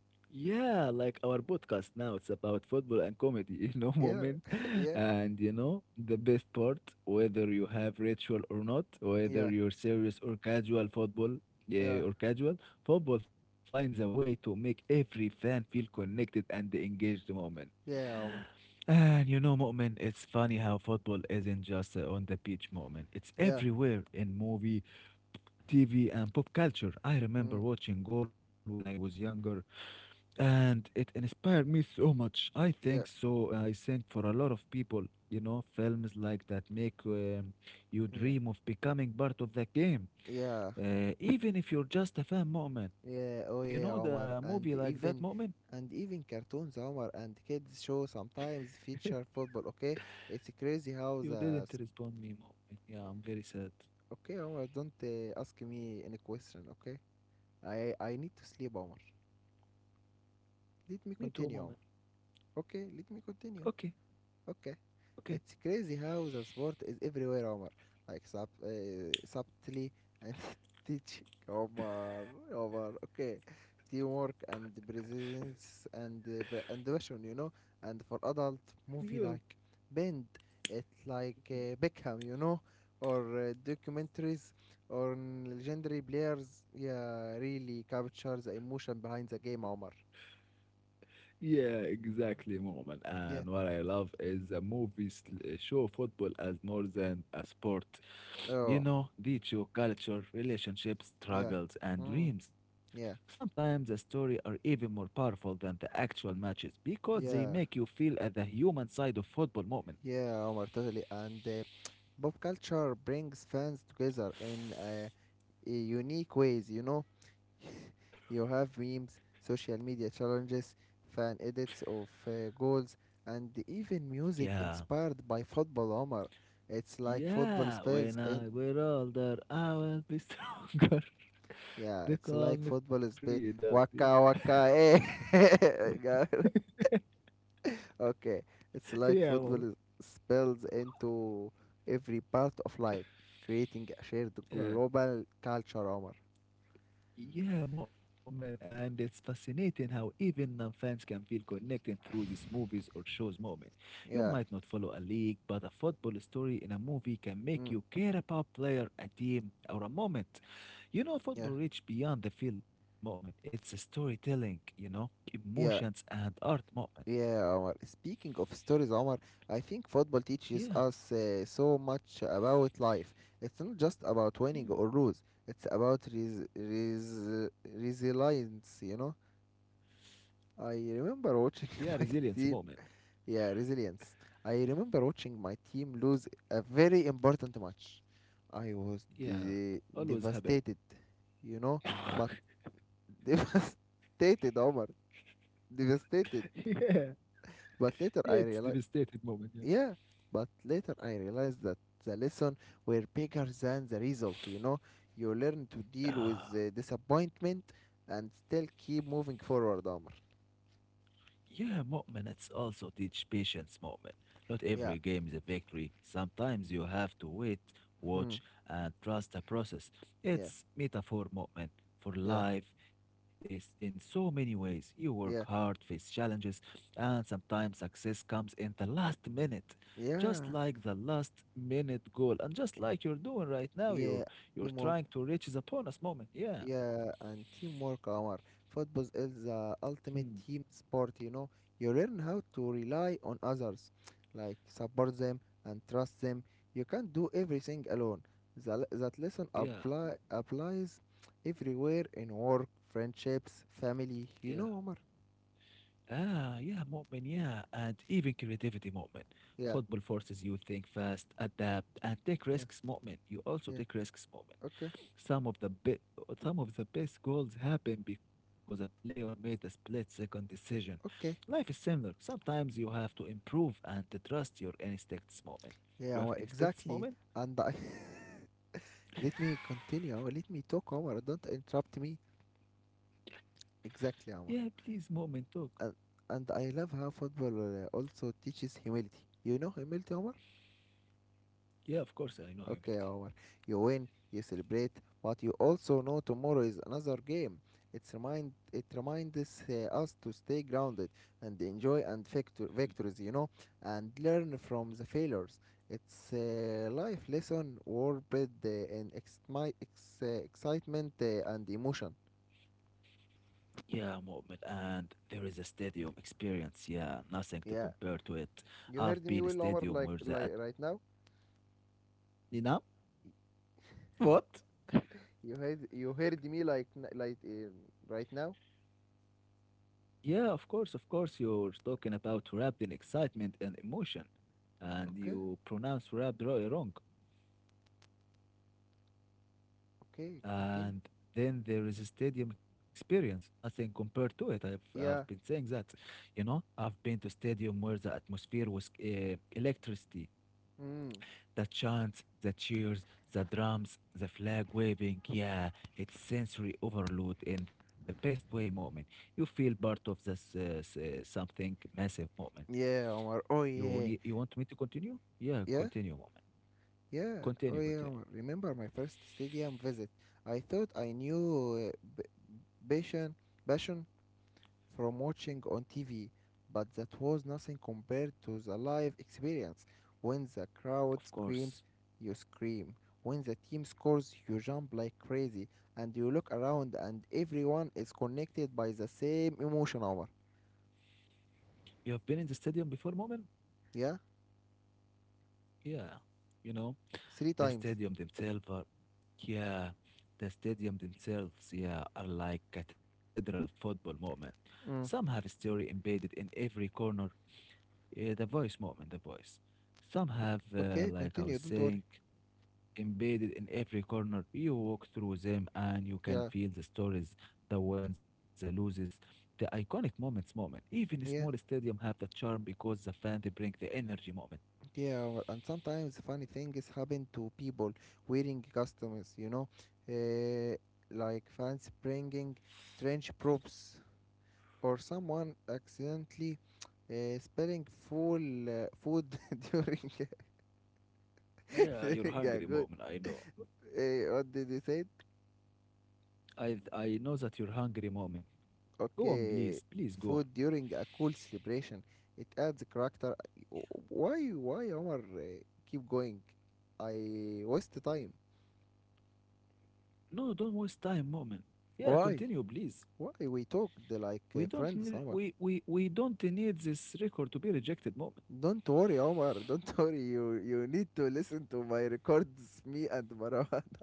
Yeah, like our podcast now, it's about football and comedy, [laughs] you know,
Yeah,
moment.
[laughs] yeah,
And you know, the best part, whether you have ritual or not, whether
yeah,
you're serious or casual football,
yeah,
yeah, or casual, football finds a way to make every fan feel connected and engaged moment.
yeah, Homer.
And you know, Mu'min, it's funny how football isn't just a on the pitch moment. It's
Yeah.
everywhere in movie, TV, and pop culture. I remember
Mm,
watching goal when I was younger, and it inspired me so much. I think
yeah,
so. I think for a lot of people, you know, films like that make you
yeah,
dream of becoming part of the game,
yeah.
even if you're just a fan, moment. You
Yeah,
know,
oh yeah,
the movie
Omar,
like
and
that, moment.
even and even cartoons, Omar, and kids show sometimes feature football. Okay, it's crazy
You
how
didn't
the s-.
respond me, moment. Yeah, I'm very sad.
Okay, Omar, don't ask me any question. Okay, I need to sleep, Omar.
Me
Let me
too, moment.
continue, Omar. Okay, let me continue.
Okay,
Okay.
okay.
It's crazy how the sport is everywhere, Omar. Like subtly and [laughs] teach Omar, Omar. Okay, teamwork and presence and and passion, you know. And for adult movie
Yeah.
like Bend, it like Beckham, you know, or documentaries or legendary players. Yeah, really capture the emotion behind the game, Omar.
Yeah, exactly, Moment.
Yeah.
And what I love is the movies show football as more than a sport. You
Oh,
know, reach your culture, relationships,
yeah.
struggles, and
Mm,
dreams.
yeah.
Sometimes the story are even more powerful than the actual matches because they make
Yeah.
you feel at the human side of football moment.
Yeah, Omar, totally. And pop culture brings fans together in
[sighs]
a unique ways, you know. [laughs] You have memes, social media challenges, fan edits of goals, and even music
Yeah.
inspired by football, Omar. It's like football
Yeah,
spells,
when
and
I were older, I will be stronger. [laughs]
yeah,
They
it's
call
like
me
football is
freedom.
spe- waka waka eh. [laughs]
[laughs]
Okay, it's like
Yeah,
football
moment.
spills into every part of life, creating a shared global culture, Omar.
Yeah, Mu'min, and it's fascinating how even non-fans can feel connected through these movies or shows, Mu'min. You
Yeah,
might not follow a league, but a football story in a movie can make
mm,
you care about player, a team, or a moment. You know,
yeah,
football reach beyond the field, Mu'min. It's a storytelling, you know, emotions
yeah,
and art, Mu'min.
yeah, Omar. Speaking of stories, Omar, I think football teaches
Yeah,
us so much about life. It's not just about winning
mm,
or lose, it's about resilience, you know. I remember watching
yeah,
[laughs] my,
resilience,
te-
Mu'min.
yeah, resilience. I remember watching my team lose a very important match. I was
Yeah, always happen.
devastated, you know, but
[laughs]
[laughs] devastated, Omar. Devastated.
Yeah,
But
yeah,
later
it's
I realized,
devastated, Mu'min. Yeah.
yeah, but later I realized that the lesson were bigger than the result, you know. You learn to deal with
Ah.
the disappointment and still keep moving forward, Omar.
Yeah, Mu'min, it's also teach patience, Mu'min. Not every
Yeah.
game is a victory. Sometimes you have to wait,
Hmm.
watch, and trust the process.
Yeah.
It's metaphor, Mu'min, for
Yeah.
life is in so many ways. You work hard,
Yeah.
face challenges, and sometimes success comes in the last minute. Just
Yeah.
like the last minute goal, and just like you're doing right now, you're
Yeah. You
you're
more.
trying to reach the bonus moment. Yeah.
Yeah, and teamwork, Omar. Football is the
Hmm.
ultimate team sport, you know. You learn how to rely on others, like support them and trust them. You can't do everything alone. That lesson
Yeah.
applies everywhere, in work, friendships,
Yeah.
family, you know, Omar.
Ah, yeah, Mu'min, yeah, and even creativity, Mu'min.
Yeah,
Football forces you think fast, adapt, and take
yeah,
risks, Mu'min. You also
yeah.
take risks, Mu'min.
Okay,
Some of the be- some of the best goals happen because a player made a split-second decision. Life
okay.
is similar. Sometimes you have to improve and to trust your instincts, Mu'min. You
Yeah,
have
Omar,
instincts,
exactly.
Mu'min?
And I [laughs] let me continue, Omar. Let me talk, Omar. Don't interrupt me.
Yeah,
Exactly, Omar.
please, Mu'min, talk.
and, and I love how football also teaches humility. You know humility, Omar?
Yeah, of course, I know
Okay,
humility.
Omar. You win, you celebrate, but you also know tomorrow is another game. It reminds us to stay grounded and enjoy and victories, you know, and learn from the failures. It's a life lesson warped in excitement and emotion.
Yeah, movement, and there is a stadium experience. Yeah, nothing to
Yeah,
compare to it.
you
I've
heard
been a
me well, Omar.
stadium where
Like right now.
you know, what?
You heard me like like right now.
Yeah, of course, of course. You're talking about wrapped in excitement and emotion, and
Okay,
you pronounce wrapped really wrong.
okay, continue.
And then there is a stadium experience. Nothing compared to it. I've been
Yeah.
saying that, you know, I've been to stadium where the atmosphere was electricity.
Mm.
The chants, the cheers, the drums, the flag waving. Yeah, it's sensory overload in the best way, moment. You feel part of this something massive, moment.
Yeah, Omar. Oh
You need,
yeah.
you want me to continue? Yeah,
Yeah,
continue, moment.
yeah. Oh
Continue,
yeah,
continue.
Omar. Remember my first stadium visit? I thought I knew Bashan, Bashan, from watching on TV, but that was nothing compared to the live experience. When the
Of
crowd
course.
screams, you scream. When the team scores, you jump like crazy, and you look around and everyone is connected by the same emotion, Omar.
You have been in the stadium before, moment?
Yeah?
Yeah. You know,
Three
the
times.
stadium themselves are, yeah, the stadium themselves, yeah, are like cathedral football moment. Some have a
Mm.
story embedded in every corner. Yeah, the voice, moment, the voice. Some have,
Okay,
like I was
continue, don't worry.
saying, embedded in every corner. You walk through them and you can
Yeah,
feel the stories, the wins, the loses, the iconic moments, moment. Even a small
yeah,
stadium have the charm because the fan they bring the energy moment.
yeah. Omar. And sometimes funny things happen to people wearing costumes, you know, uh, like fans bringing strange props or someone accidentally spelling full food [laughs] during [laughs]
Yeah,
during
you're
a
hungry
good
moment, I know.
what did you say?
I know that you're hungry moment. Go on, please,
Okay,
please go on.
food during a cool celebration. It adds character.
Yeah.
Why Omar keep going? I waste the time.
No, don't waste time, moment. Yeah,
Why?
continue, please.
Why we talked
We
like
don't need,
friends,
we,
Omar?
we, we don't need this record to be rejected, moment.
Don't worry, Omar. [laughs] Don't worry. You need to listen to my records, me and Marwan.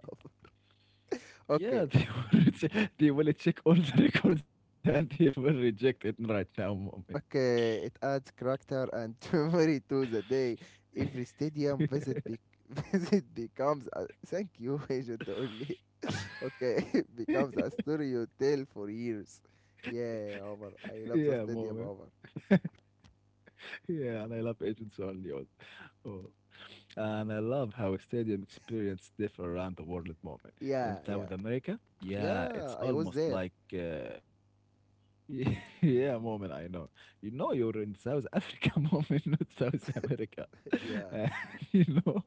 [laughs] okay,
Yeah, they [laughs] will reche they will check all the records, and they will reject it right now moment.
Okay, it adds character and [laughs] memory to the day. Every stadium visit
[laughs]
be- [laughs] visit becomes a thank you, [laughs] Agent Only. Okay, [laughs] it becomes a story you tell for years. Yeah, Omar,
Yeah,
I love the
moment.
stadium, Omar.
Yeah, and I love Agents Only. Oh. And I love how stadium experience differ around the world At moment. In
Yeah, yeah,
South America, yeah, it's
yeah. I was
almost
there.
like uh, [laughs] Yeah, moment, I know. You know you're in South Africa, [laughs] moment, not South America. [laughs]
Yeah,
And [laughs] you know,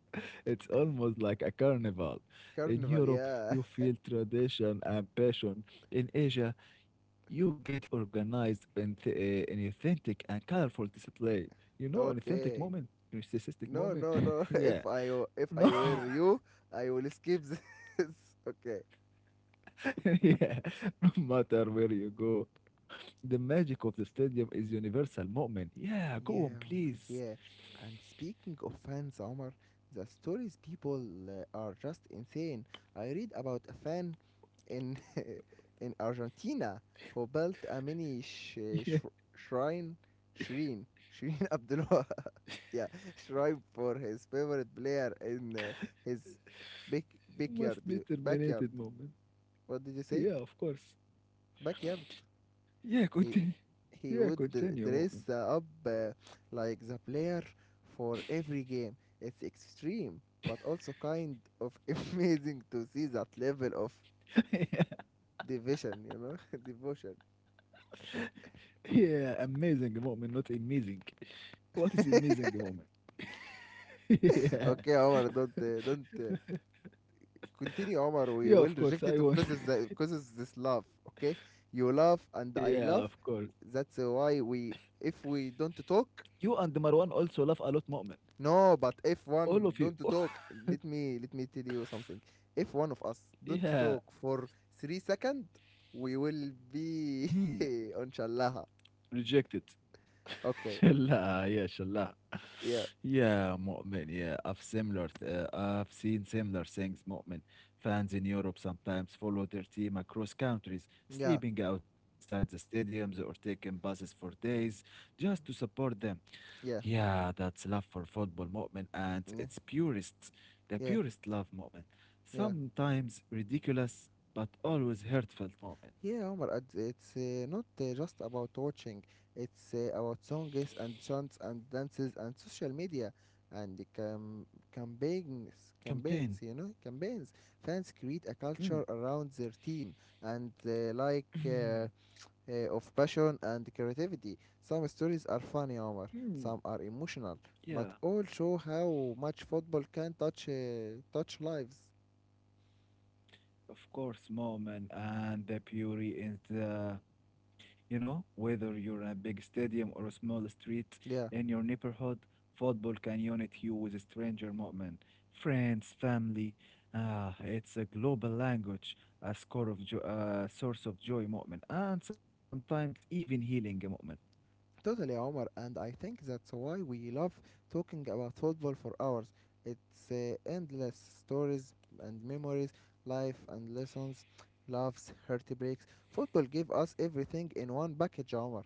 it's almost like a carnival. In
carnival.
Europe,
Yeah,
you feel tradition and passion. In Asia, you get organized in, in authentic and colorful display. You know,
[laughs]
an authentic
okay.
moment, narcissistic
No,
moment.
no,
[laughs]
no. [laughs]
Yeah.
If I w- if
No.
I
[laughs]
were you, I will skip this. [laughs] Okay,
[laughs] Yeah, no matter where you go, the magic of the stadium is universal, moment. Yeah, go
yeah,
on,
Omar, yeah.
please.
And speaking of fans, Omar, the stories people are just insane. I read about a fan in [laughs] in Argentina who built a mini
[laughs] Yeah,
shrine, shrine, [laughs] Abdullah, yeah, shrine for his favorite player in his big backyard.
you must be
Backyard.
terminated, moment.
What did you say? It?
Yeah, of course.
Backyard.
Yeah,
He
continue.
he
Yeah,
would dr-
continue, moment.
dress up like the player for every game. It's extreme, but also kind of [laughs] amazing to see that level of
[laughs] Yeah,
division, you know, [laughs] devotion.
yeah, amazing, moment. Not amazing. What is amazing, moment? [laughs] Yeah.
Okay, Omar, don't
[laughs]
continue, Omar. We
Yeah,
will
of course,
reject it
I want.
because of
[laughs]
because of this love. Okay, you love and
Yeah,
I
of
love.
course.
That's why we if we don't talk.
You and Marwan also laugh a lot, moment.
No, but if
All
one
of you.
don't
[laughs]
talk, let me tell you something. If one of us don't
Yeah.
talk for 3 seconds, we will
Mhm.
be [laughs] on shallaha.
Rejected. [laughs]
Okay.
Shallah.
Yeah.
Yeah, Mu'min, yeah. I've similar, I've seen similar things, Mu'min. Fans in Europe sometimes follow their team across countries,
Yeah.
sleeping outside the stadiums or taking buses for days just to support them.
Yeah.
Yeah, that's love for football, Mu'min, and
Yeah.
it's purest, the
Yeah.
purest love, Mu'min.
Yeah.
Sometimes ridiculous, but always heartfelt, Mu'min.
Yeah, Omar, it's not just about watching. It's about songs and chants and dances and social media and the cam- campaigns,
Campaign.
campaigns, you know, campaigns. Fans create a
Mm.
culture around their team and
[clears throat]
of passion and creativity. Some stories are funny, Omar.
Mm.
Some are emotional,
Yeah.
but all show how much football can touch touch lives.
Of course, moment, and the beauty in the, you know, whether you're in a big stadium or a small street in
Yeah.
your neighborhood, football can unite you with a stranger moment, friends, family. Ah, it's a global language, a source of joy moment, and sometimes even healing moment.
Totally, Omar, and I think that's why we love talking about football for hours. It's endless stories and memories, life and lessons, loves, heartbreaks. Football gave us everything in one package, Omar.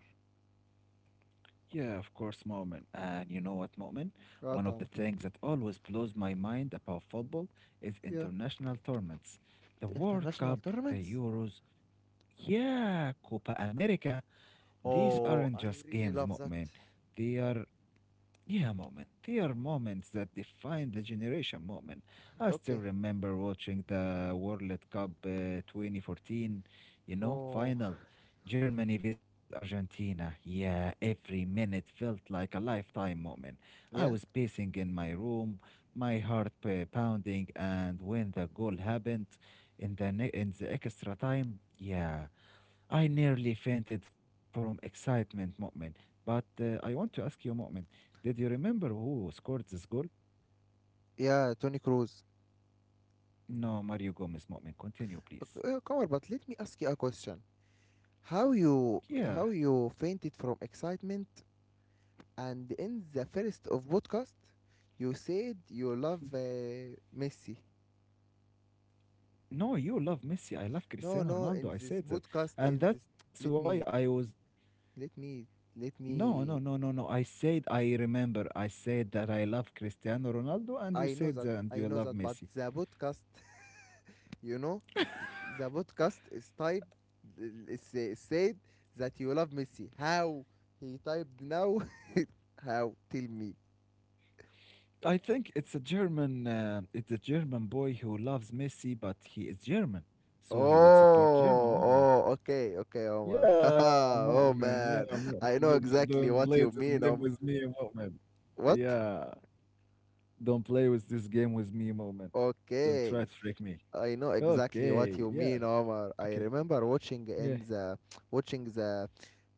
Yeah, of course, Mu'min. And you know what, Mu'min? One
Right,
of the
Omar?
things that always blows my mind about football is
Yeah.
international tournaments. The
The
World
international
Cup, the
tournaments?
Euros, yeah, Copa America. These
Oh,
aren't
I
just
really
games,
love that.
Mu'min. They are yeah, moment. They are moments that define the generation moment. I still
Okay.
remember watching the World Cup 2014, you know,
Oh.
final. Germany vs Argentina. Yeah, every minute felt like a lifetime moment. I
Yeah.
was pacing in my room, my heart pounding, and when the goal happened in the in the extra time, yeah, I nearly fainted from excitement, Mu'min. But I want to ask you, Mu'min, did you remember who scored this goal?
Yeah, Tony Cruz.
No, Mario Gomez, Mu'min. Continue, please.
Okay, Omar, but let me ask you a question. How you
Yeah.
how you fainted from excitement and in the first of podcast you said you love
[laughs]
Messi.
No, you love Messi. I love
No,
Cristiano
no,
Ronaldo.
in
I
this
said that.
podcast,
And
in
that's
this,
why
let
I
me,
was.
let me, let
No, no, no,
me.
no, no. I said I remember. I said that I love Cristiano Ronaldo, and you said that and
I
you
know
love
that, but
Messi.
the podcast, [laughs] you know, the podcast is typed, it's, said that you love Messi. How he typed now? [laughs] How? Tell me.
I think it's a German. It's a German boy who loves Messi, but he is German, so he would support German.
Oh,
No.
oh, okay, okay, Omar.
Yeah,
[laughs]
Mu'min.
Oh
Yeah,
man,
Mu'min.
I know
Don't
exactly
play
what
this
you
game
mean,
with
Omar.
me, Mu'min.
What?
Yeah. Don't play with this game with me, Mu'min. Don't
Okay,
try to trick me.
I know exactly what
Okay.
you
Yeah.
mean, Omar. I
Okay.
remember watching
Yeah.
in the watching the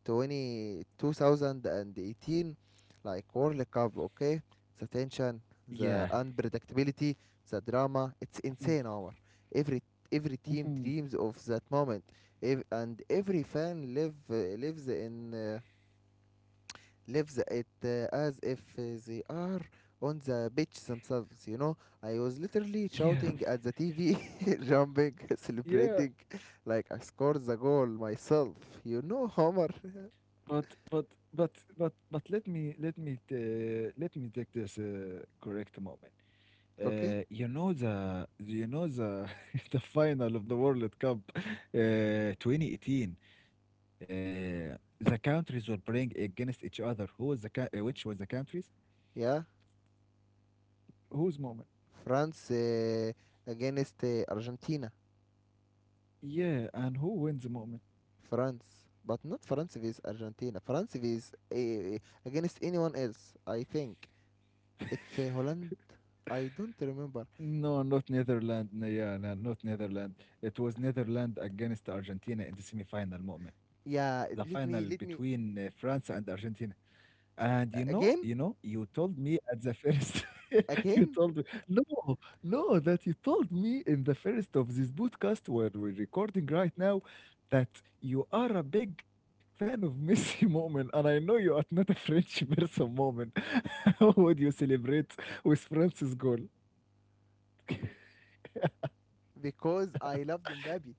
20 2018, like World Cup. Okay, the tension,
Yeah.
the unpredictability, the drama. It's insane, Omar. Every every team
Mm-hmm.
dreams of that moment. And every fan lives it as if they are on the beach themselves, you know. I was literally
Yeah.
shouting at the TV, [laughs] jumping, [laughs]
Yeah.
celebrating like I scored the goal myself, you know, Homer.
But but but but let me take this correct moment.
[laughs] Okay,
You know the [laughs] the final of the World Cup 2018, uh, the countries were playing against each other, who was the which was the countries.
yeah.
Whose moment?
France against Argentina.
Yeah, and who wins the moment?
France. But not France vs Argentina. France vs against anyone else, I think. It's Holland. I don't remember.
No, not Netherlands, no, yeah no, not Netherlands, it was Netherlands against Argentina in the semi-final moment. The
Yeah,
final
let me, let
between
me.
France and Argentina. And you know you
Again?
know, you told [laughs] me at the first. [laughs] You
Again?
told me no, no, that you told me in the first of this podcast where we're recording right now that you are a big fan of [laughs] Messi moment, and I know you are not a French person moment. [laughs] How would you celebrate with France's goal? [laughs]
Because I loved Mbappe.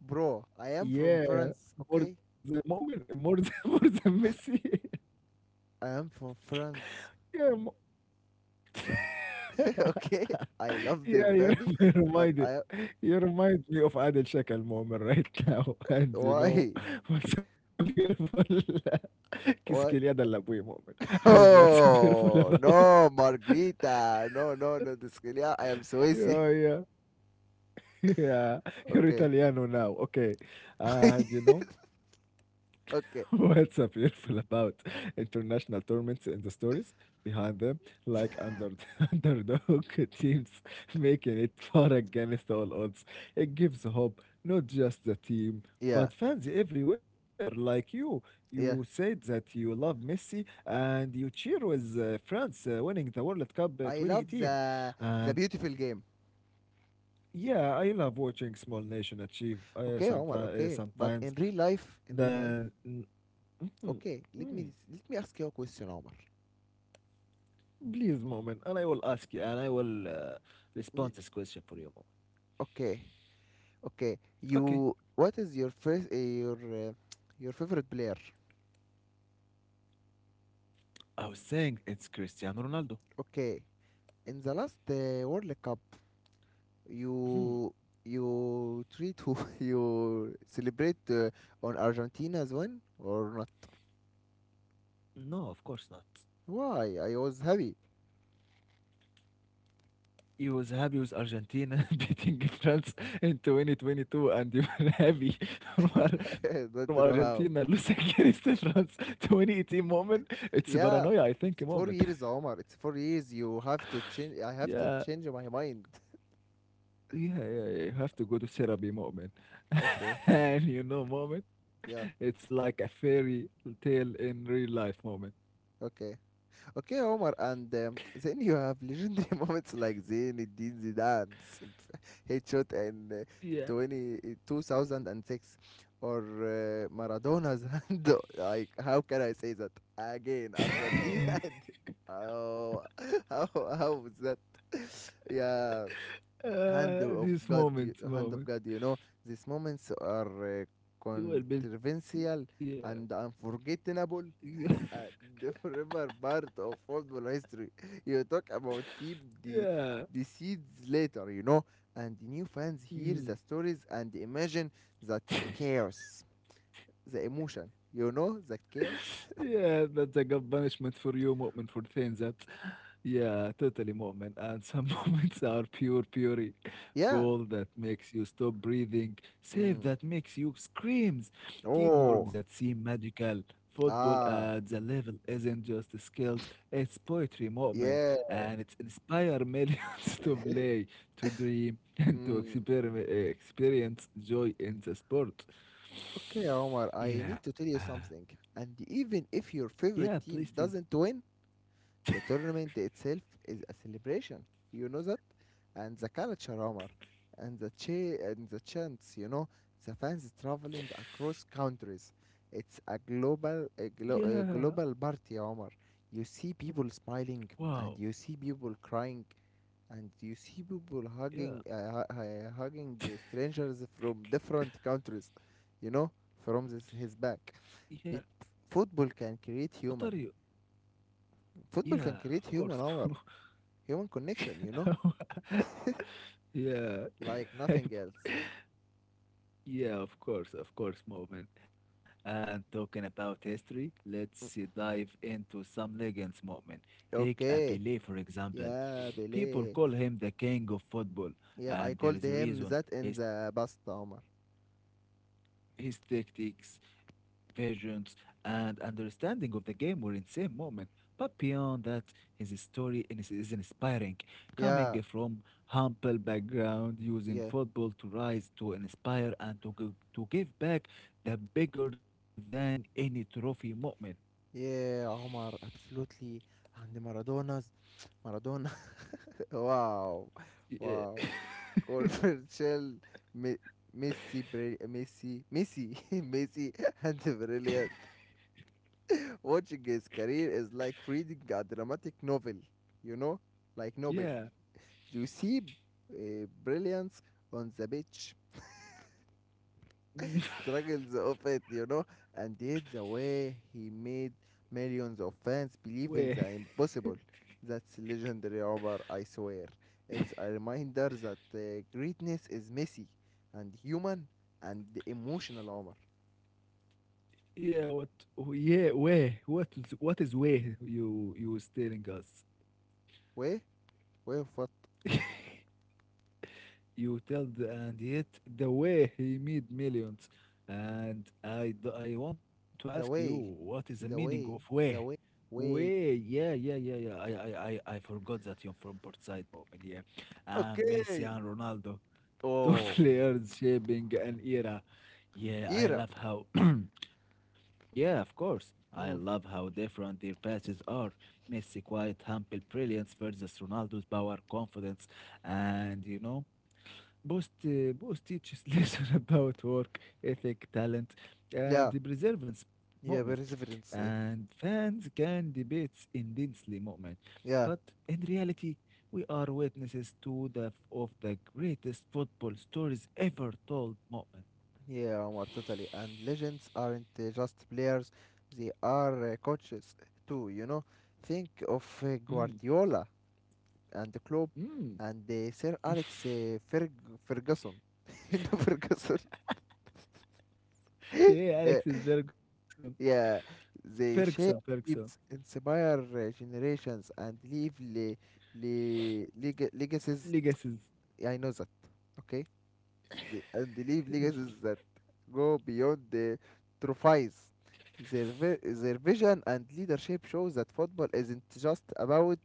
Bro, I am from
Yeah,
France, okay?
more the moment, more the, [laughs] more the Messi.
I am from France,
[laughs] Yeah, mo
[laughs]
[laughs]
okay? I love
Yeah, you
Mbappe,
[laughs]
but
reminded,
I.
you remind me of Adel Shekel moment right now, [laughs] and you know
Why?
what's a beautiful [laughs] Kiskeli Adel
Why?
Labouy moment, and
[laughs]
what's a beautiful
Oh,
about
no, Margarita. No, no, no, this yeah, I am
[laughs]
Swissy.
yeah, yeah, [laughs] yeah, you're
Okay.
Italiano now, okay,
[laughs]
and you know. [laughs]
Okay.
What's so beautiful about international tournaments and the stories behind them, like under [laughs] underdog teams making it far against all odds. It gives hope, not just the team,
Yeah,
but fans everywhere. Like you
yeah.
said that you love Messi and you cheer with France winning the World Cup
I love
2018,
the
and
beautiful game.
yeah, I love watching small nation achieve
Okay, Omar,
sometimes.
okay. But
Sometimes
in
then.
real life,
Mm, mhm,
okay,
mm.
let me ask you a question, Omar.
Please, moment, and I will ask you, and I will respond this question for you, moment.
Okay. Okay,
Okay.
you. What is your first uh, your favorite player?
I was saying it's Cristiano Ronaldo.
Okay, in the last World Cup,
Hmm.
you you treat who [laughs] you celebrate on Argentina's win or not?
No, of course not.
Why? I was happy.
He was happy with Argentina [laughs] beating France in 2022, and you were happy [laughs] from,
[laughs]
from
Don't know
Argentina
how.
losing [laughs] against France 2018 moment. It's paranoia, I
Yeah,
think, a
it's
moment.
4 years, Omar. It's 4 years. You have to change. I
[laughs]
have to
Yeah.
change my mind. [laughs]
Yeah, yeah, yeah. You have to go to therapy, moment,
Okay.
[laughs] and you know, moment,
Yeah.
it's like a fairy tale in real life, moment.
Okay. Okay, Omar, and then you have legendary [laughs] moments like Zinedine Zidane's [laughs] headshot in uh,
Yeah.
20, uh, 2006 or Maradona's [laughs] hand. Like, how can I say that again? Argentina.
[laughs]
[laughs] And, oh, [laughs] how is that? [laughs] Yeah,
Mm.
hand of
This
God,
moment,
hand of
moment.
God. You know, these moments are
You are built.
controversial
Yeah.
and unforgettable
[laughs]
and [laughs] never part of football history. You talk about team de-
Yeah.
deceits later, you know, and the new fans hear
Yeah.
the stories and imagine that chaos, the emotion, you know, that chaos.
Yeah, that's like a good punishment for you, Mu'min, for things that, yeah, totally Mu'min. And some [laughs] moments are pure
[laughs] Yeah.
gold that makes you stop breathing, save
Mm.
that makes you screams, teamwork
Oh.
that seem magical. Football
Ah.
at the level isn't just skills, it's poetry, Mu'min,
Yeah.
and it's inspire millions [laughs] to play, to dream, and to
Mm.
experience joy in the sport.
Okay, Omar, I need to tell
Yeah.
you something. And even if your
Yeah,
favorite
please.
team
Think.
doesn't win, the tournament itself is a celebration, you know that? And the culture, Omar, and and the chants, you know, the fans traveling across countries. It's a
Yeah.
global party, Omar. You see people smiling,
Wow.
and you see people crying, and you see people
Yeah.
hugging strangers from different countries, you know, from this, his back.
Yeah.
It, football can
What
create
are you?
human.
Yeah,
Football can
of
create
course.
human, Omar, human connection, you know,
[laughs] Yeah.
like
[laughs] Hey,
nothing else.
bro. Yeah, of course, Moment. And talking about history, let's dive into some legends, Moment. Take a
Okay.
Pelé, for example.
Yeah,
People
Billy.
call him the king of football,
Yeah, I
and there
called
is a
him
reason.
that in
His
the past, Omar.
His tactics, visions, and understanding of the game were insane moment. But beyond that, his story is inspiring. Coming
Yeah,
from humble background, using
yeah,
football to rise, to inspire, and to, to give back the bigger than any trophy moment.
yeah, Omar, absolutely. And Maradona. [laughs] Wow,
Yeah.
wow.
[laughs]
Controversial, Me- Messi, bri- Messi, Messi, [laughs] Messi, and brilliant. Watching his career is like reading a dramatic novel, you know, like novel.
Yeah.
You see brilliance on the beach,
Mm.
struggles of it, you know, and yet the way he made millions of fans
[laughs]
believe in
Where?
the impossible. That's legendary, Omar, I swear. It's a reminder that greatness is messy and human and emotional, Omar.
Yeah, what? Yeah, where? What is where you was telling us?
Way? Way of what?
[laughs] You tell the and yet the way he made millions. And I, I want to ask you,
The way.
what is the meaning
The
of
way.
way?
The way.
Way,
Way.
yeah, yeah, yeah, yeah. I forgot that you're from Port Said, Moment, yeah. And Messi
Okay.
and Ronaldo, [laughs] two
Oh.
players shaping an era. Yeah, I
Era.
love how [clears throat] Yeah, of course. I love
Mm.
how different their passes are. Messi quiet, humble brilliance versus Ronaldo's power, confidence, and you know. Bost teaches [laughs] lesson about work ethic, talent, and
Yeah.
the perseverance moment,
Yeah, perseverance. Eh?
and fans can debate intensely moment. But
Yeah.
in reality, we are witnesses to the of the greatest football stories ever told moment.
Yeah, Omar, totally. And legends aren't just players, they are coaches too, you know. Think of
Mm.
Guardiola and the club
Mm. [laughs]
and Sir Alex Ferguson. [laughs] You know, Ferguson? [laughs]
Yeah,
Yeah,
Alex is Ferguson,
yeah. They
Ferguson,
shape,
Ferguson,
inspire generations, and leave legacies.
legacies.
I know that, okay? They and leave
[laughs]
legacies that go beyond the trophies. Their vision and leadership shows that football isn't just about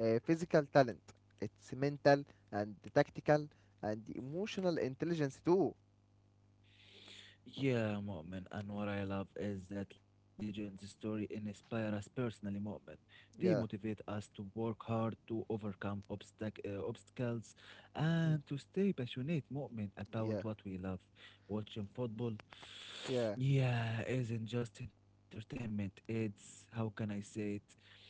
physical talent. It's mental and tactical and emotional intelligence too.
Yeah, Mu'min, and what I love is that legends' story inspire us personally, Mu'min. They
Yeah,
motivate us to work hard, to overcome obstacles,
mm,
and to stay passionate, Mu'min,
yeah,
about what we love. Watching football, [sighs]
yeah.
yeah, isn't just entertainment. It's, how can I say it,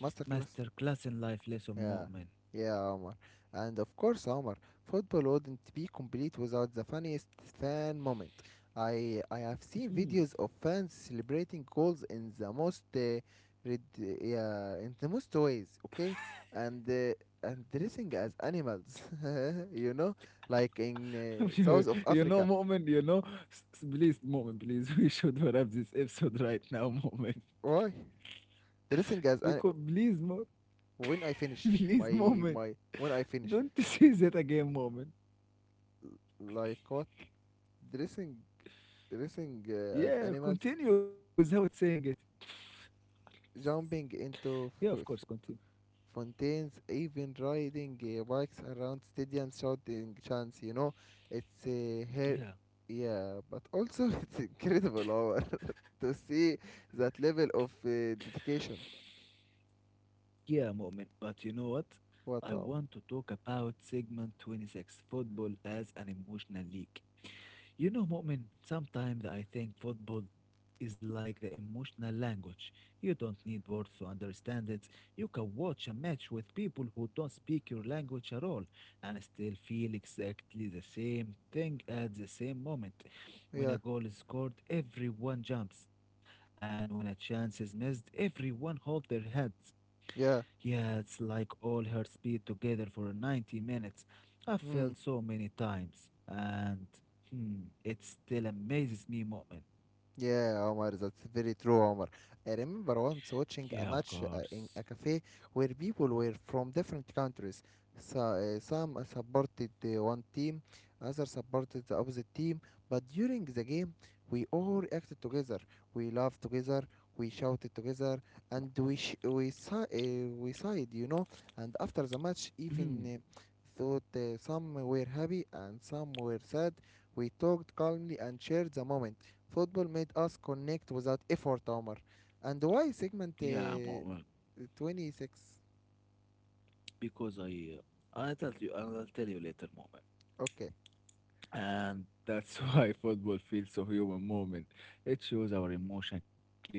Masterclass.
in life lesson,
Yeah,
Mu'min.
yeah, Omar. And of course, Omar, football wouldn't be complete without the funniest fan moment. I have seen
Mhm.
videos of fans celebrating goals in the most rid- yeah, in the most ways, okay? And uh, and dressing as animals, [laughs] you know, like in
[laughs]
South of Africa.
You know, please, moment, please, [laughs] we should wrap this episode right now, [laughs] moment.
Why? Dressing as
Because please,
when I
[laughs]
finish
please,
my
moment.
my when I finish
Don't [laughs] say that again, moment.
like what? Dressing dressing as
Yeah,
animals
continue without saying it.
jumping
Yeah, of
into
course, continue.
fountains, even riding bikes around stadiums, shouting chants. You know, it's her,
Yeah,
yeah, but also [laughs] it's incredible hour [laughs] to see that level of dedication.
yeah, moment. But you know what? I
What hour?
want to talk about segment 26 football as an emotional league. You know, Mu'min, sometimes I think football is like the emotional language. You don't need words to understand it. You can watch a match with people who don't speak your language at all and still feel exactly the same thing at the same moment. When
Yeah,
a goal is scored, everyone jumps, and when a chance is missed, everyone holds their heads.
yeah.
Yeah, it's like all her speed together for 90 minutes. I felt
Mm.
so many times, and hmm, it still amazes me, Mu'min.
Yeah, Omar, that's very true, Omar. I remember once
Yeah,
watching
of
a match
course.
in a cafe where people were from different countries. So, some supported one team, others supported the opposite team, but during the game, we all acted together. We laughed together, we shouted together, and we sh- we si- we sighed, you know. And after the match, even
Hmm,
thought some were happy and some were sad, we talked calmly and shared the moment. Football made us connect without effort, Omar. And why segment
yeah, Mu'min,
26?
because I tell you, I'll tell you later, Mu'min.
Okay.
And that's [laughs] why football feels so human moment. It shows our emotion clearly.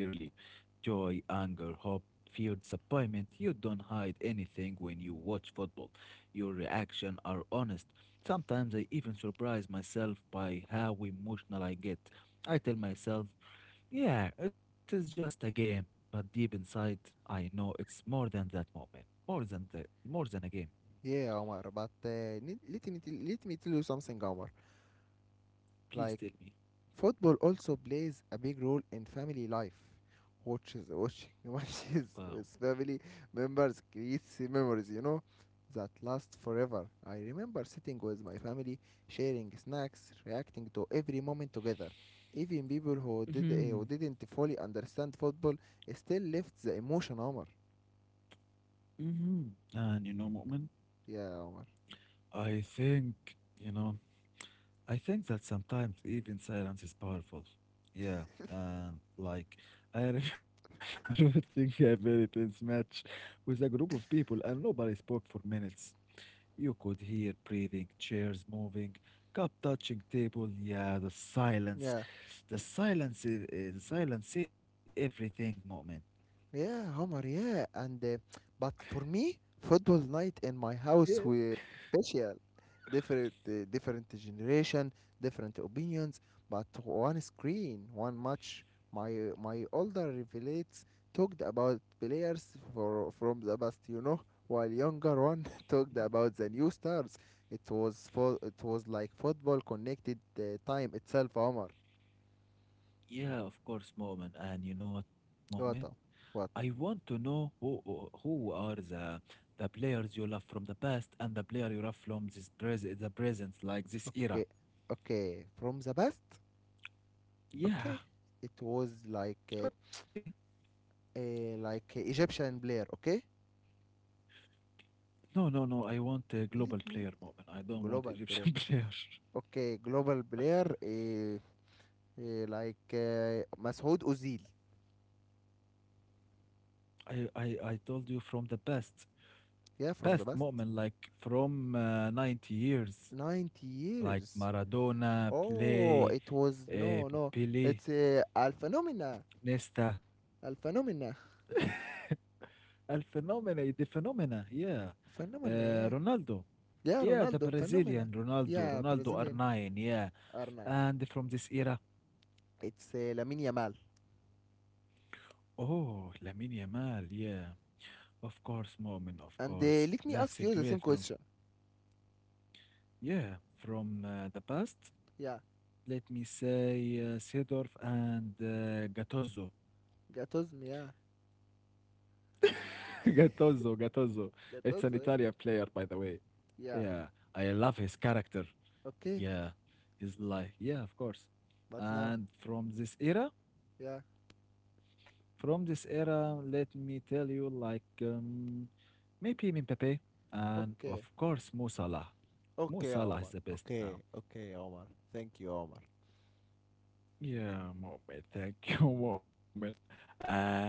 Joy, anger, hope, fear, disappointment. You don't hide anything when you watch football. Your reactions are honest. Sometimes I even surprise myself by how emotional I get. I tell myself, yeah, it is just a game. But deep inside, I know it's more than that moment. More than that, more than a game.
Yeah, Omar, but let me tell you something, Omar.
Please
Like,
tell me.
football also plays a big role in family life. Watching [laughs]
Wow.
matches with family members creates memories, you know, that last forever. I remember sitting with my family, sharing snacks, reacting to every moment together. Even people who
[laughs]
didn't fully understand football still left the emotion, Omar.
Hmm. And you know, Mu'min,
Yeah, Omar.
I think, you know, I think that sometimes even silence is powerful. Yeah.
[laughs]
And like, I remember [laughs] thinking a very tense match with a group of people and nobody spoke for minutes. You could hear breathing, chairs moving, cup touching table. Yeah, the silence.
Yeah.
The silence, the silence said everything, Mu'min.
Yeah, Omar, yeah. And but for me, football night in my
Yeah.
house were special. Different, different generation, different opinions, but one screen, one match. My older revelates talked about players for from the past, you know, while younger one [laughs] talked about the new stars. It was like football connected time itself, Omar.
Yeah, of course, Mu'min. And you know what, Mu'min?
What?
I
What?
want to know who are the players you love from the past and the player you love from this pres the present, like this era.
Okay, okay. From the past.
Yeah,
Okay, it was
okay.
like Egyptian player. Okay,
No. I want a global
let me.
player, Mu'min. I don't want
Global player.
Egyptian [laughs] player.
Okay, global player, uh, like Masoud Ozil.
I told you from the past,
Yeah,
past
from the past,
Mu'min, like from 90 years,
90
like
years.
Maradona,
Oh,
Play,
it was
uh,
no, no,
Pele,
it's Al Phenomena.
Nesta,
Al Phenomena.
[laughs] Al Phenomena, the Phenomena, yeah.
Phenomena, yeah.
Ronaldo.
Yeah,
Yeah, the
Ronaldo Phenomena.
Brazilian Ronaldo,
Yeah,
Ronaldo
Brazilian
R9, yeah.
R9.
And from this era,
It's Lamine Yamal.
oh, Lamine Yamal, yeah. Of course, moment, of
And
course.
let me ask
That's a
you the same
great from,
question.
yeah, from the past.
Yeah,
Let me say Seedorf and Gattuso.
Gattuso. Yeah,
[laughs] Gattuso. It's an
Gattuso, eh?
Italian player, by the way.
Yeah.
Yeah, I love his character.
Okay.
Yeah, his life. Yeah, of course.
But now.
And from this era,
Yeah.
From this era, let me tell you, like maybe Mbappe and
Okay.
of course Mo Salah.
Okay,
Mo
Omar.
Salah is the best
Okay.
now.
Okay, Omar. Thank you, Omar.
Yeah, Mu'min. Thank you, [laughs] Mu'min. And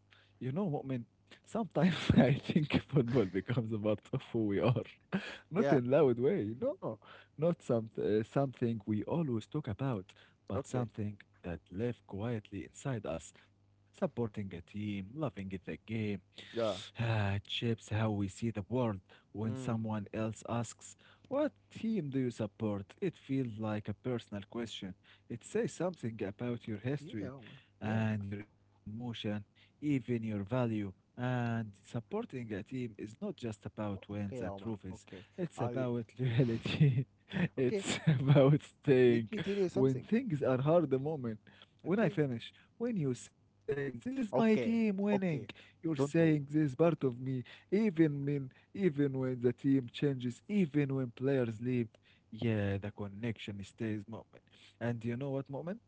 you know, Mu'min, sometimes [laughs] I think football becomes a part of who we are. Not
Yeah.
in loud way, no. Not some, something we always talk about, but
Okay.
something that lives quietly inside us, supporting a team, loving the game. [sighs]
Yeah.
Ah, it shapes how we see the world. When
Mm.
someone else asks, what team do you support? It feels like a personal question. It says something about your
Yeah,
history
Omar. Yeah.
and your emotion, even your value. And supporting a team is not just about wins
Okay,
and
Omar.
trophies.
Okay.
It's
I will.
about loyalty. [laughs]
Okay.
It's about staying
Let me tell you
when
something.
things are hard. The moment when I
Okay.
finish, when you say, this is my team
Okay.
winning,
Okay.
you're saying,
Don't
this is
worry.
part of
Okay.
me. Even when, even when the team changes, even when players leave, yeah, the connection stays, moment. And you know what, moment?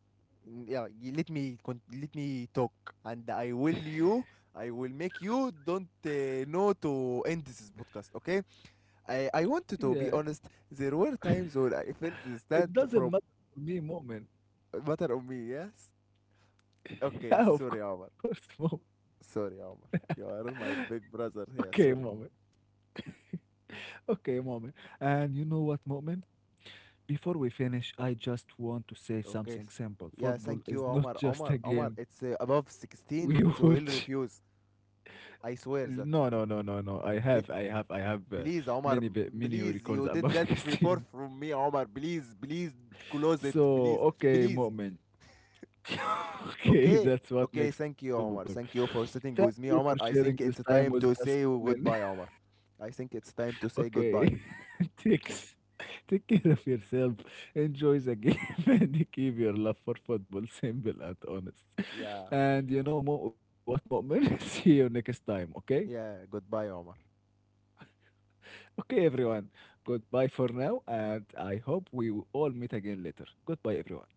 Mm. Yeah. Let me let me talk, and I
[laughs]
will you. I will make you don't know to end this podcast. Okay. I wanted to be
Yeah,
honest. There were times when I felt
it
distant
doesn't
from
matter for me, moment.
matter on me, yes?
[laughs]
Okay,
Yeah, of
sorry, Omar.
course, moment.
Sorry, Omar. You are
[laughs]
my big brother
Okay,
here.
moment.
Sorry.
Okay, moment. And you know what, moment? Before we finish, I just want to say
Okay.
something simple.
Yeah,
Football
thank
is [laughs]
you,
not
Omar.
just
Omar,
a
Omar,
game
it's above
we [laughs]
16,
watch.
so he'll refuse. I swear
No,
that.
no, no, no, no.
Let,
I have
Please, Omar,
many, many
please,
records
you did
about [laughs]
that before
16.
from me, Omar. Please, please, close it,
So,
please.
okay,
Please,
Mu'min. [laughs] okay,
okay.
that's what
Okay,
makes football
thank you,
better.
Omar. Thank you for
Thank
sitting
you for
with me, Omar.
sharing
I
this
think
time
it's
with
time
us,
to say
Mu'min.
goodbye, Omar. I think it's time to say
Okay.
goodbye.
[laughs] Takes Take care of yourself. Enjoy the game [laughs] and keep your love for football [laughs] simple and honest.
Yeah.
And you know what, Mu'min? [laughs] See you next time, okay?
Yeah, goodbye, Omar.
Okay, everyone. Goodbye for now, and I hope we will all meet again later. Goodbye, everyone.